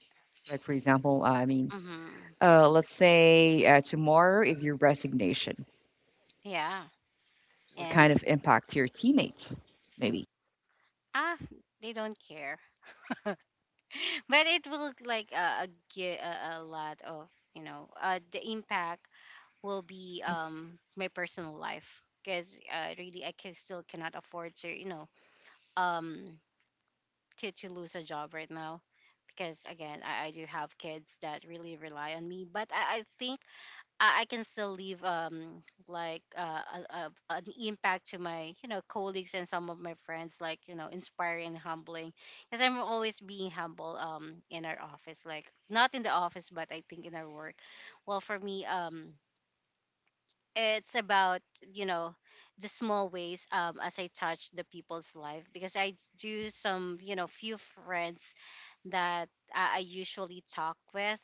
Like for example, I mean,
Hmm.
uh, let's say uh, tomorrow is your resignation.
Yeah,
What kind
and
of impact to your teammates, maybe?
ah, they don't care. <laughs> But it will like uh, get a, a lot of you know uh, the impact will be
Hmm.
um my personal life because uh, really I can still cannot afford to you know um to to lose a job right now because again I, I do have kids that really rely on me, but I, I think I, I can still leave um like uh, a, a, an impact to my you know colleagues and some of my friends, like you know, inspiring and humbling because I'm always being humble um in our office, like not in the office, but I think in our work. Well, for me, um it's about, you know, the small ways um as I touch the people's life because I do some, you know, few friends that I, I usually talk with.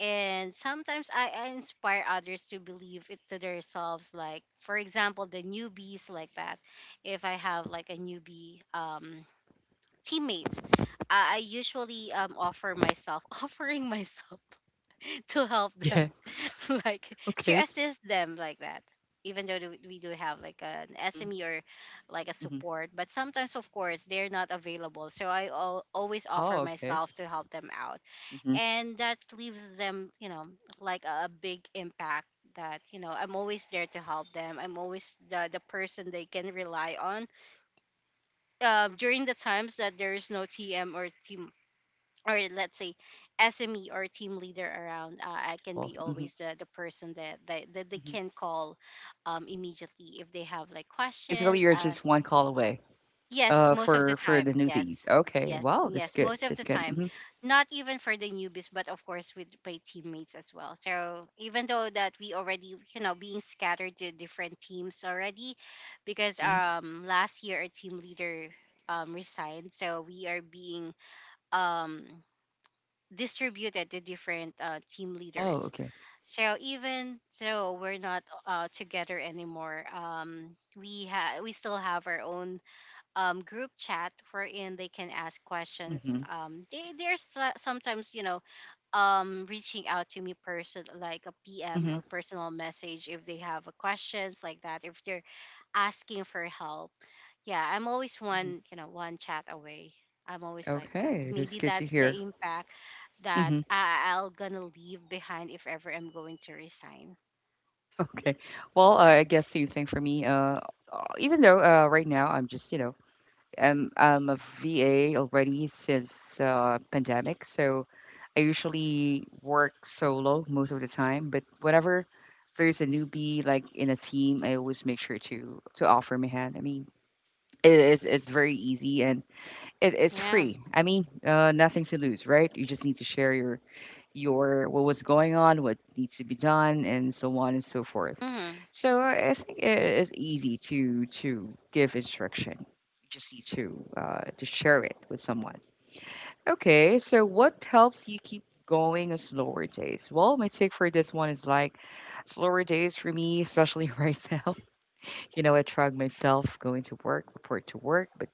And sometimes I, I inspire others to believe it to themselves, like for example the newbies, like that. If I have like a newbie, um teammates, i, I usually um offer myself <laughs> offering myself <laughs> to help
<laughs> Yeah.
them <laughs> like to
Okay.
assist them, like that. Even though do- we do have like an
Hmm.
sme or like a
Hmm.
support, but sometimes of course they're not available, so i al- always offer
Oh, okay.
myself to help them out.
Mm-hmm.
And that leaves them, you know, like a, a big impact, that, you know, I'm always there to help them, I'm always the, the person they can rely on. Uh, during the times that there is no tm or team, or let's say sme or team leader around, uh, I can
Available.
be
Mhm,
always the, the person that, that, that they
mhm.
can call um, immediately if they have like
Basically,
questions
you're
uh,
just one call away,
Yes,
uh,
most of the
for for the
time. Yes.
newbies. Okay,
Yes,
wow, that's
yes,
good,
most of
that's
the
good.
time.
Mhm,
Not even for the newbies, but of course with my teammates as well. So even though that we already, you know, being scattered to different teams already, because
mhm.
um last year our team leader um resigned, so we are being um distributed to different uh, team
Oh,
leaders.
okay.
So even so we're not uh together anymore. Um we ha we still have our own um, group chat wherein they can ask questions.
Mhm,
Um, they they're so- sometimes, you know, um, reaching out to me person like a P M or
mhm,
personal message if they have a questions, like that. If they're asking for help, yeah, I'm always
mhm.
one, you know, one chat away. I'm always like that.
Okay, that's
Maybe
good to
that's the
hear.
impact that
Mhm,
I- I'll gonna leave behind if ever I'm going to resign.
<laughs> okay. Well,
Yeah.
uh, I guess same thing for me, uh, uh, even though, uh, right now I'm just, you know, I'm I'm a V A already since uh, pandemic, so I usually work solo most of the time. But whenever there's a newbie like in a team, I always make sure to to offer my hand. I mean, it is it's very easy and it, it's
Yeah.
free. I mean, uh, nothing to lose, right? You just need to share your your what what's going on, what needs to be done, and so on and so forth.
Hmm.
So I I think it is easy to to give instruction. You just need to uh, to share it with someone. Okay, so what helps you keep going on slower days? Well, my take for this one is like slower days for me, especially <laughs> right now. You know, I drag myself going to work, report to work, but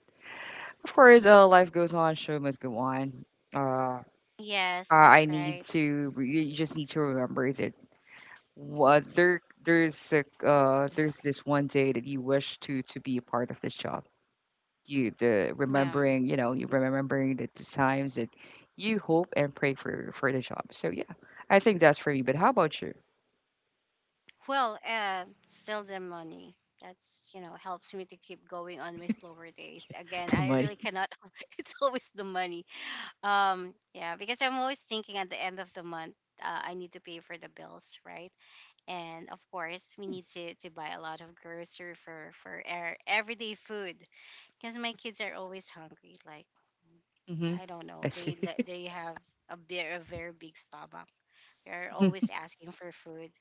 of course, uh, life goes on, show must go on. Uh,
Yes,
I
that's
I
right.
need to. You you just need to remember that What there there's a, uh there's this one day that you wish to to be a part of this job. You the
Yeah.
remembering, you know, you remembering the, the times that you hope and pray for for the job. So yeah, I think that's for me. But how about you? <laughs>
Well, uh, still the money. That's, you know, helps me to keep going on my slower days. Again,
The
I really
money.
cannot. <laughs> It's always the money. Um, yeah, because I'm always thinking at the end of the month, uh, I need to pay for the bills, right? And of course, we
Mm-hmm.
need to to buy a lot of grocery for for our everyday food because my kids are always hungry. Like,
Mm-hmm.
I don't know,
I see.
they
<laughs>
they have a bit a very big stomach. They're always asking for food.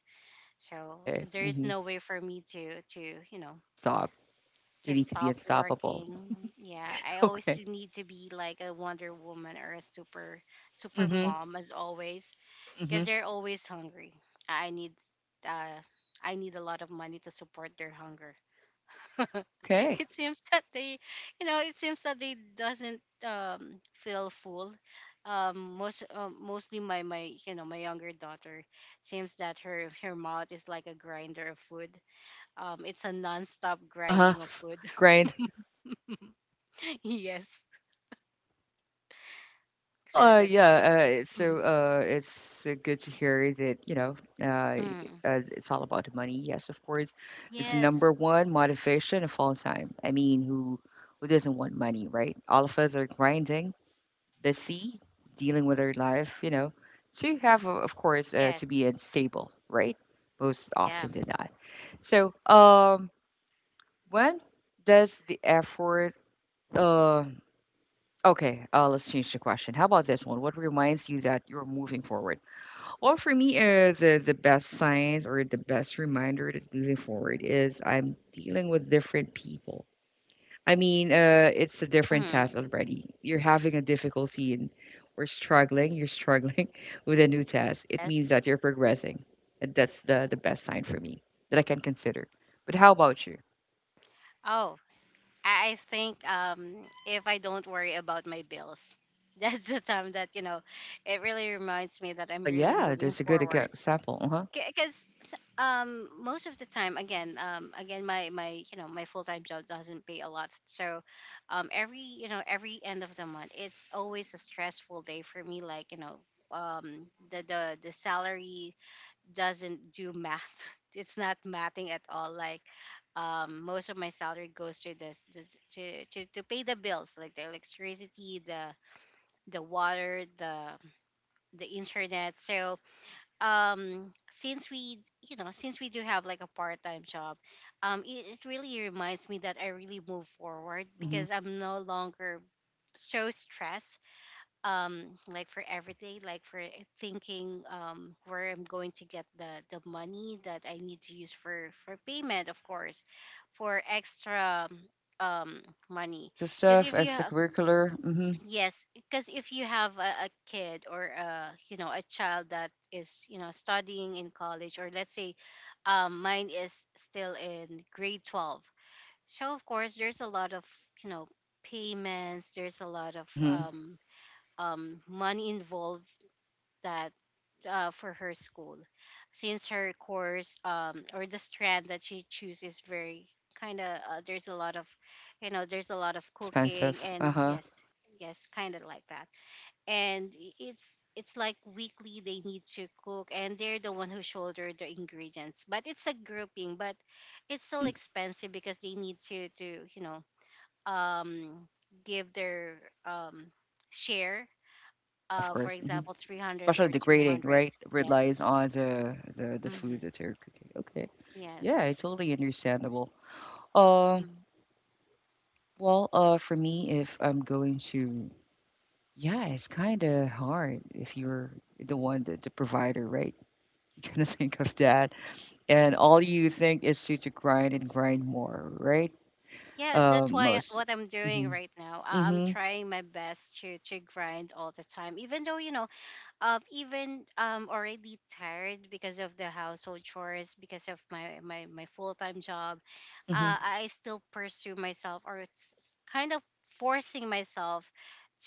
So
Okay.
there is
Mm-hmm.
no way for me to to you know
Stop. You
to
need to be
stop
unstoppable.
working.
<laughs>
Yeah, I always
Okay.
do need to be like a Wonder Woman or a super super
Mm-hmm.
mom as always
Mm-hmm.
because they're always hungry. I need uh I need a lot of money to support their hunger. <laughs>
Okay.
It seems that they, you know, it seems that they doesn't um feel full, um most uh, mostly my my, you know, my younger daughter. Seems that her her mouth is like a grinder of food. Um it's a non-stop
Uh-huh.
grinding of food.
Grind.
<laughs> Yes,
Well,
so
uh,
that's why.
yeah, uh,
Mhm.
so uh, it's uh, good to hear that, you know, uh, y-
Mm.
uh, it's all about the money. Yes, of course. It's the number
Yes.
one motivation of all time. I mean, who who doesn't want money, right? All of us are grinding, busy, dealing with our life, you know, to have, uh, of course, uh,
Yes.
to be stable, right? Most
Yeah.
often than not. So, um, when does the effort? Uh, Okay, uh, let's change the question. How about this one? What reminds you that you're moving forward? Well, for me, uh, the the best signs or the best reminder that moving forward is I'm dealing with different people. I mean, uh, it's a different
Mm.
task already. You're having a difficulty and we're struggling. You're struggling <laughs> with a new task. It means
Yes.
that you're progressing. And that's the the best sign for me that I can consider. But how about you?
Oh, I, I think um if I don't worry about my bills <laughs> that's the time that, you know, it really reminds me that
Uh
I'm
huh.
really
Yeah,
moving
that's a good exa-
forward
example. Uh huh.
because um most of the time, again um again my my, you know, my full-time job doesn't pay a lot. So um every, you know, every end of the month it's always a stressful day for me, like, you know, um the the the salary doesn't do math. <laughs> It's not mathing at all. Like um most of my salary goes to this, this to, to to pay the bills, like the electricity, the the water, the the internet. So um since we, you know, since we do have like a part-time job, um it, it really reminds me that I really move forward
Hmm.
because I'm no longer so stressed, um like for everything, like for eh, thinking um where I'm going to get the the money that I need to use for for payment. Of course, for extra um money,
Extra
because
stuff,
if you
extracurricular. Mm-hmm.
Yes, because if you have a, a kid, or a, you know, a child that is, you know, studying in college, or let's say, um, mine is still in grade twelve. So of course there's a lot of, you know, payments. There's a lot of
Mhm.
um, um, money involved, that uh, for her school, since her course, um, or the strand that she choose, is very kind of uh, there's a lot of, you know, there's a lot of
Really
cooking
expensive.
and
Uh-huh.
yes. Yes, kind of like that. And i- it's it's like weekly they need to cook, and they're the one who shoulder the ingredients, but it's a grouping. But it's still
Mhm.
expensive because they need to to you know um give their um share,
Yeah, of
uh for
course. Mhm.
example three hundred
Especially
or
the grading,
two hundred.
right?
Yes.
Relies on the the the food
Mm-hmm.
that they're cooking. Okay. Yeah,
Yes.
it's totally understandable. Um,
Mhm.
well, uh, for me, if I'm going to, yeah, it's kind of hard if you're the one, the, the provider, right? <laughs> You kind of <laughs> think of that, and all you think is to to grind and grind more, right?
Yes, that's
Um,
why, uh,
most.
what I'm doing right
Mm-hmm.
now, I- I'm
Mm-hmm.
trying my best to to grind all the time, even though, you know, um even um already tired because of the household chores, because of my my, my full-time job,
Mm-hmm.
uh, I still pursue myself, or it's it's kind of forcing myself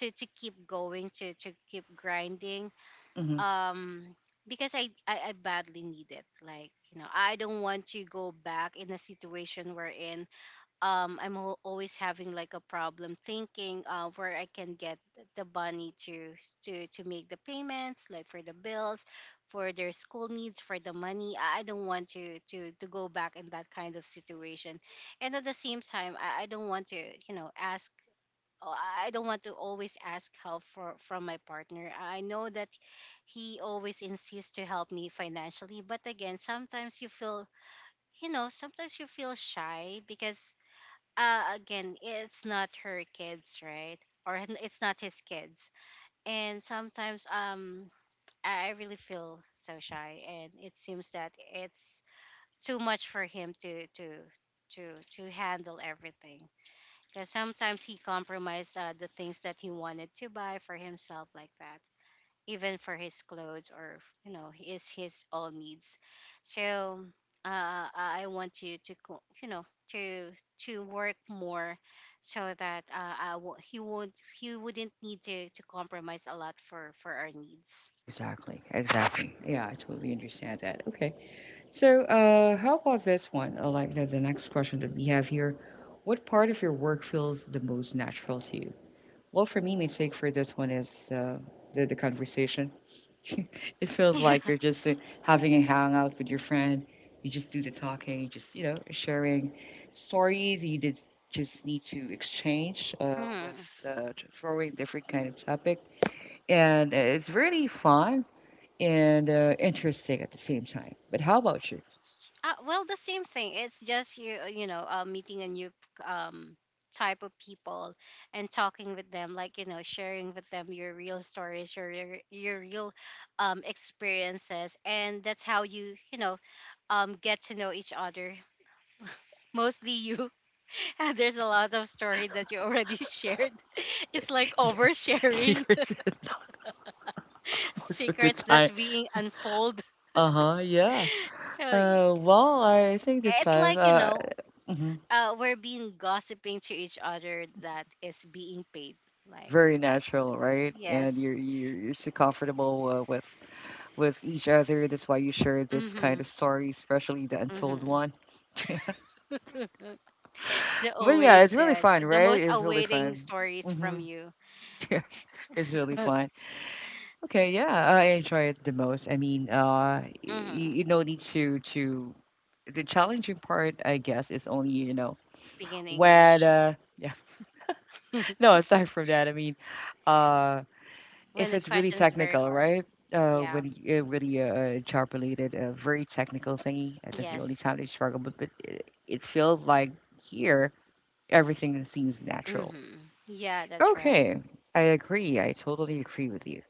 to to keep going to to keep grinding,
Mm-hmm.
um because I, I i badly need it. Like, you know, I don't want to go back in a situation wherein um i'm al- always having like a problem thinking uh where I can get th- the money to to to make the payments, like for the bills, for their school needs, for the money. i I don't want to to to go back in that kind of situation. And at the same time i, I don't want to, you know, ask oh, I I don't want to always ask help for from my partner. I I know that he always insists to help me financially. But again, sometimes you feel, you know, sometimes you feel shy because uh, again, it's not her kids, right? Or n- it's not his kids. And sometimes um, I I really feel so shy, and it seems that it's too much for him to to to to handle everything. Because sometimes he compromised uh, the things that he wanted to buy for himself, like that, even for his clothes or, you know, is his all needs. So uh, I want you to co- you know, to to work more, so that uh, I w- he won't, he wouldn't need to to compromise a lot for for our needs.
Exactly, exactly. Yeah, I totally understand that. Okay. So, uh, how about this one? Uh, like the, the next question that we have here. What part of your work feels the most natural to you? Well, for me, my take for this one is uh, the, the conversation. <laughs> It feels
<laughs>
like
Yeah.
you're just uh, having a hangout with your friend. You just do the talking, you just, you know, sharing stories. You did just need to exchange uh,
Mhm.
with uh, throwing different kind of topic. And uh, it's really fun and, uh, interesting at the same time. But how about you?
Uh, well, the same thing. It's just you, uh, you know, uh, meeting a new um type of people, and talking with them, like, you know, sharing with them your real stories, your your, your real um experiences. And that's how you, you know, um get to know each other. Mostly you. <laughs> And there's a lot of story that you already <laughs> shared. <laughs> It's like
Yes, <laughs>
oversharing
secrets and thought
<laughs>
most of the
secrets that's
time.
being unfold. <laughs>
Uh-huh, yeah.
So y-
Uh, well, I think this
it's
time,
like, you
uh,
know,
mhm,
uh, we're being gossiping to each other that is being paid. Like,
very natural, right? And
yes.
you're you're you're so comfortable uh, with with each other. That's why you share this
Mm-hmm.
kind of story, especially the untold
Mm-hmm.
one. <laughs>
<laughs> The
But yeah,
always
it's really
that
fun,
the
right?
most
It's really
awaiting
fun.
stories
Mm-hmm.
from
<laughs>
you.
Yes, it's really fun.
<laughs>
Okay, yeah, I enjoy it the most. I mean, uh,
Mm-hmm.
y- you know, need to to the challenging part, I guess, is only you know
Speaking
when
English
uh, yeah. <laughs> No, aside from that, I mean, uh,
when
if
the
it's really
question's very
technical,
hard.
right? Uh,
Yeah.
when y- uh, really uh, job related, a very technical thingy, uh, that's the only
Yes.
time they struggle. But but it, it feels like here everything seems natural.
Mm-hmm. Yeah, that's right.
Okay, I agree. I totally agree with you.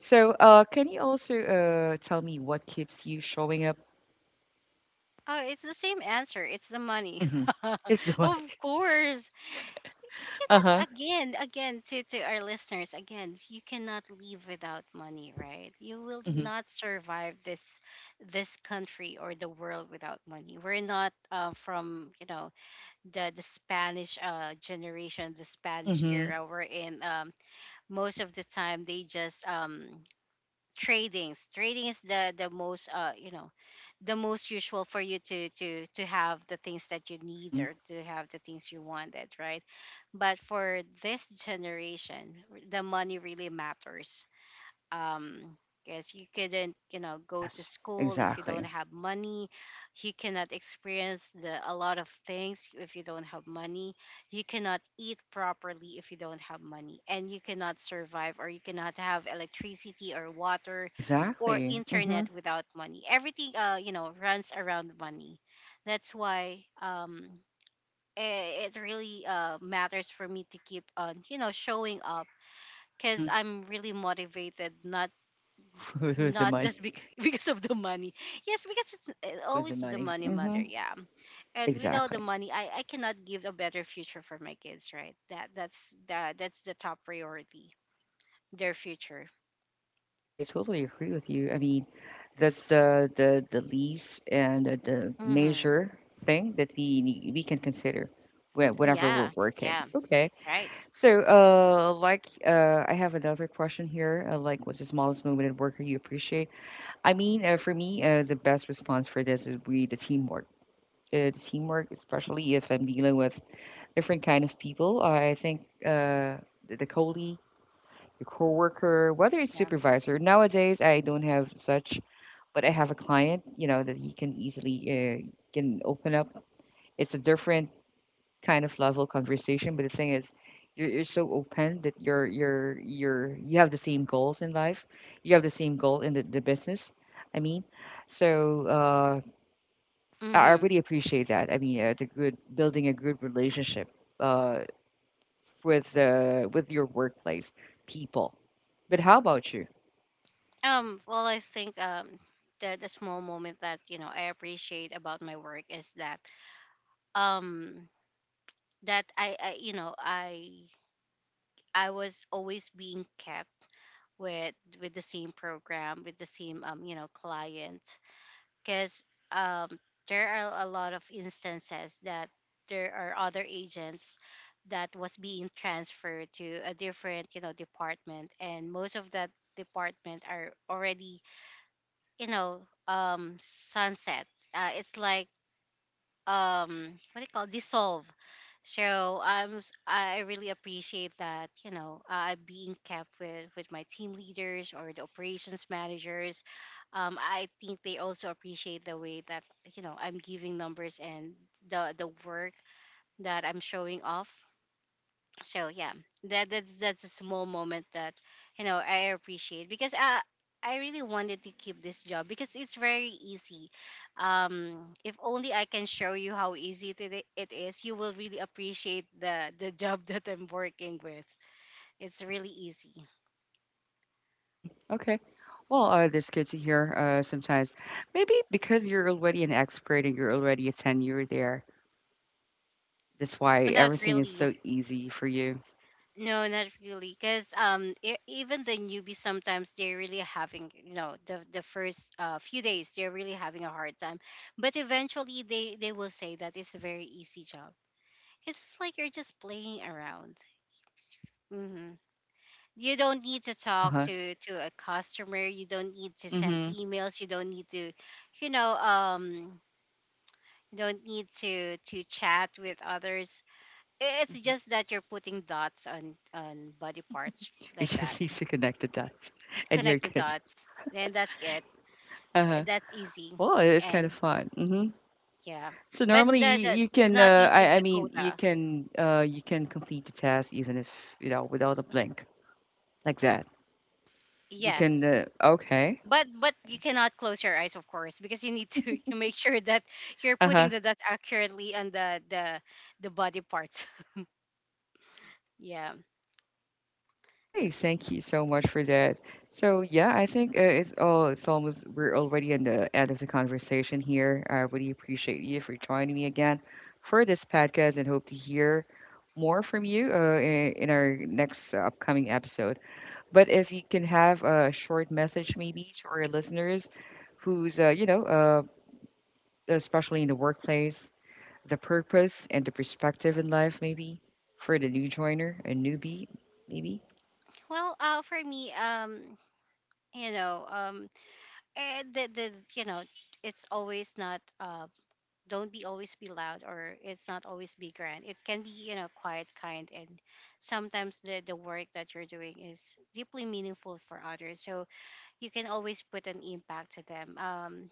So, uh, can you also uh, tell me what keeps you showing up?
Oh, it's the same answer. It's the money.
Hmm. <laughs>
<laughs>
Is the what?
Of course. You
Uh huh.
cannot, again again to to our listeners, again, you cannot leave without money, right? You will
Mm-hmm.
not survive this this country or the world without money. We're not uh, from you know the the Spanish uh generation, the Spanish
Mm-hmm.
era we're in. um most of the time they just um trading trading is the the most uh you know the most usual for you to to to have the things that you need
Hmm.
or to have the things you wanted, right? But for this generation, the money really matters, um because you couldn't, you know, go to
Yes.
school if you don't
Exactly.
have money. You cannot experience the a lot of things if you don't have money. You cannot eat properly if you don't have money, and you cannot survive, or you cannot have electricity or water or
Exactly. Mm-hmm.
internet without money. Everything, uh you know, runs around money. That's why, um it, it really uh matters for me to keep on, you know, showing up, because I'm really motivated, not
Mm-hmm. <laughs> The
not
money.
just bec- <laughs> because of the money. Yes, because it's uh,
Always the
always the
money.
money
Mm-hmm.
matter. Yeah, and without
Exactly.
the money, I, I cannot give a better future for my kids. Right. That that's that that's the top priority. Their future.
I totally agree with you. I mean, that's the the the least and the, the
Mm-hmm.
major thing that we need, we can consider whe- whenever we're
Yeah.
working.
Yeah.
Okay.
Right.
So, uh, like, uh, I have another question here. Uh, like, what's the smallest moment at work you appreciate? I mean, uh, for me, uh, the best response for this would be the teamwork. Uh, the teamwork, especially if I'm dealing with different kind of people. I think uh, the, the colleague, the coworker, whether it's
Yeah.
supervisor. Nowadays, I don't have such, but I have a client. You know that he can easily uh, can open up. It's a different kind of level conversation. But the thing is, you're, you're so open that you're you're you're you have the same goals in life. You have the same goal in the, the business. I mean, so uh, I I
Mm-hmm.
really appreciate that. I mean, uh, the good building a good relationship uh, with uh, with your workplace people. But how about you?
Um. Well, I think um the the small moment that, you know, I appreciate about my work is that, um that I, I you know, I I was always being kept with with the same program, with the same, um you know, client, because, um there are a lot of instances that there are other agents that was being transferred to a different, you know, department, and most of that department are already, you know, um sunset, uh, it's like, um what do you call, dissolve. So i'm s- I really appreciate that, you know, uh, being kept with with my team leaders or the operations managers. um I think they also appreciate the way that, you know, I'm giving numbers and the the work that I'm showing off. So yeah, that that's that's a small moment that, you know, I appreciate, because i i really wanted to keep this job because it's very easy. um if only I can show you how easy it, i- it is, you will really appreciate the the <laughs> job that I'm working with. It's really easy.
Hmm. Okay. Well, uh, that's good to hear uh, sometimes. Maybe because you're already an expert and you're already a tenure there, that's why
Not
everything is
really
so easy for you.
No, not really. Because, um, e- even the newbies sometimes they're really having, you know, the the first, uh, few days, they're really having a hard time, but eventually they they will say that it's a very easy job. It's like you're just playing around. Hmm. You don't need to talk
Uh-huh,
to to a customer. You don't need to send
mhm.
emails. You don't need to, you know, um, you don't need to to chat with others. I- It's just that you're putting dots on on body parts
You <laughs>
like that.
just need to connect the dots, and you're
Connect the
good.
dots. Then that's it. Eh,
Uh-huh.
That's easy.
Well, it's kind of
And
fun, mhm.
yeah,
So
but
normally
the,
you
the
you
it's
can,
not
uh, I
easy as
I
the
mean, you
quota.
can, uh, you can complete the task even if, you know, without a blink, like that. You
Yeah.
can, uh okay.
But but you cannot close your eyes, of course, because you need to <laughs> you make sure that you're putting
Uh-huh.
the dots accurately on the the the body parts. <laughs> yeah.
Okay,
So,
thank you so much for that. So yeah, I think uh, it's all it's almost we're already on the end of the conversation here. I really appreciate you for joining me again for this podcast and hope to hear more from you uh, in, in our next uh, upcoming episode. But if you can have a short message maybe to our listeners who's uh, you know uh, especially in the workplace, the purpose and the perspective in life maybe for the new joiner, a newbie maybe.
well, uh, for me, um, you know, um, eh, the the you know, it's always not uh don't be always be loud, or it's not always be grand. It can be, you know, quiet, kind, and sometimes the, the work that you're doing is deeply meaningful for others, so you can always put an impact to them. um,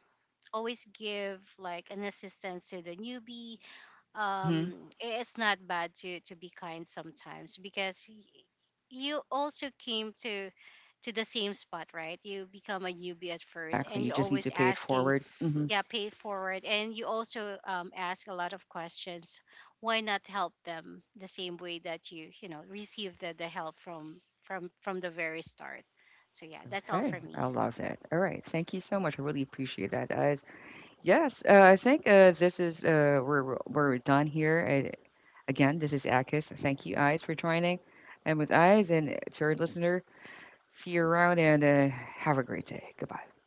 Always give like an assistance to the newbie,
Mm-hmm.
um, i- it's not bad to to be kind sometimes, because y- you also came to to the same spot, right? You become a newbie at first,
Exactly,
and
you
you're
just need to
always
pay it
asking.
forward. Mhm.
Yeah, pay it forward, and you also, um, ask a lot of questions. Why not help them the same way that you you know, receive the, the help from from from the very start. So yeah, that's all
Okay,
for
I
me.
love that. All right, thank you so much. I really appreciate that, guys. Yes, uh, I think uh, this is uh, we're we're we're done here. I, again, this is Akis. Thank you, Eyes, for joining, and with Eyes and uh, to our listener, see you around and uh, have a great day. Goodbye.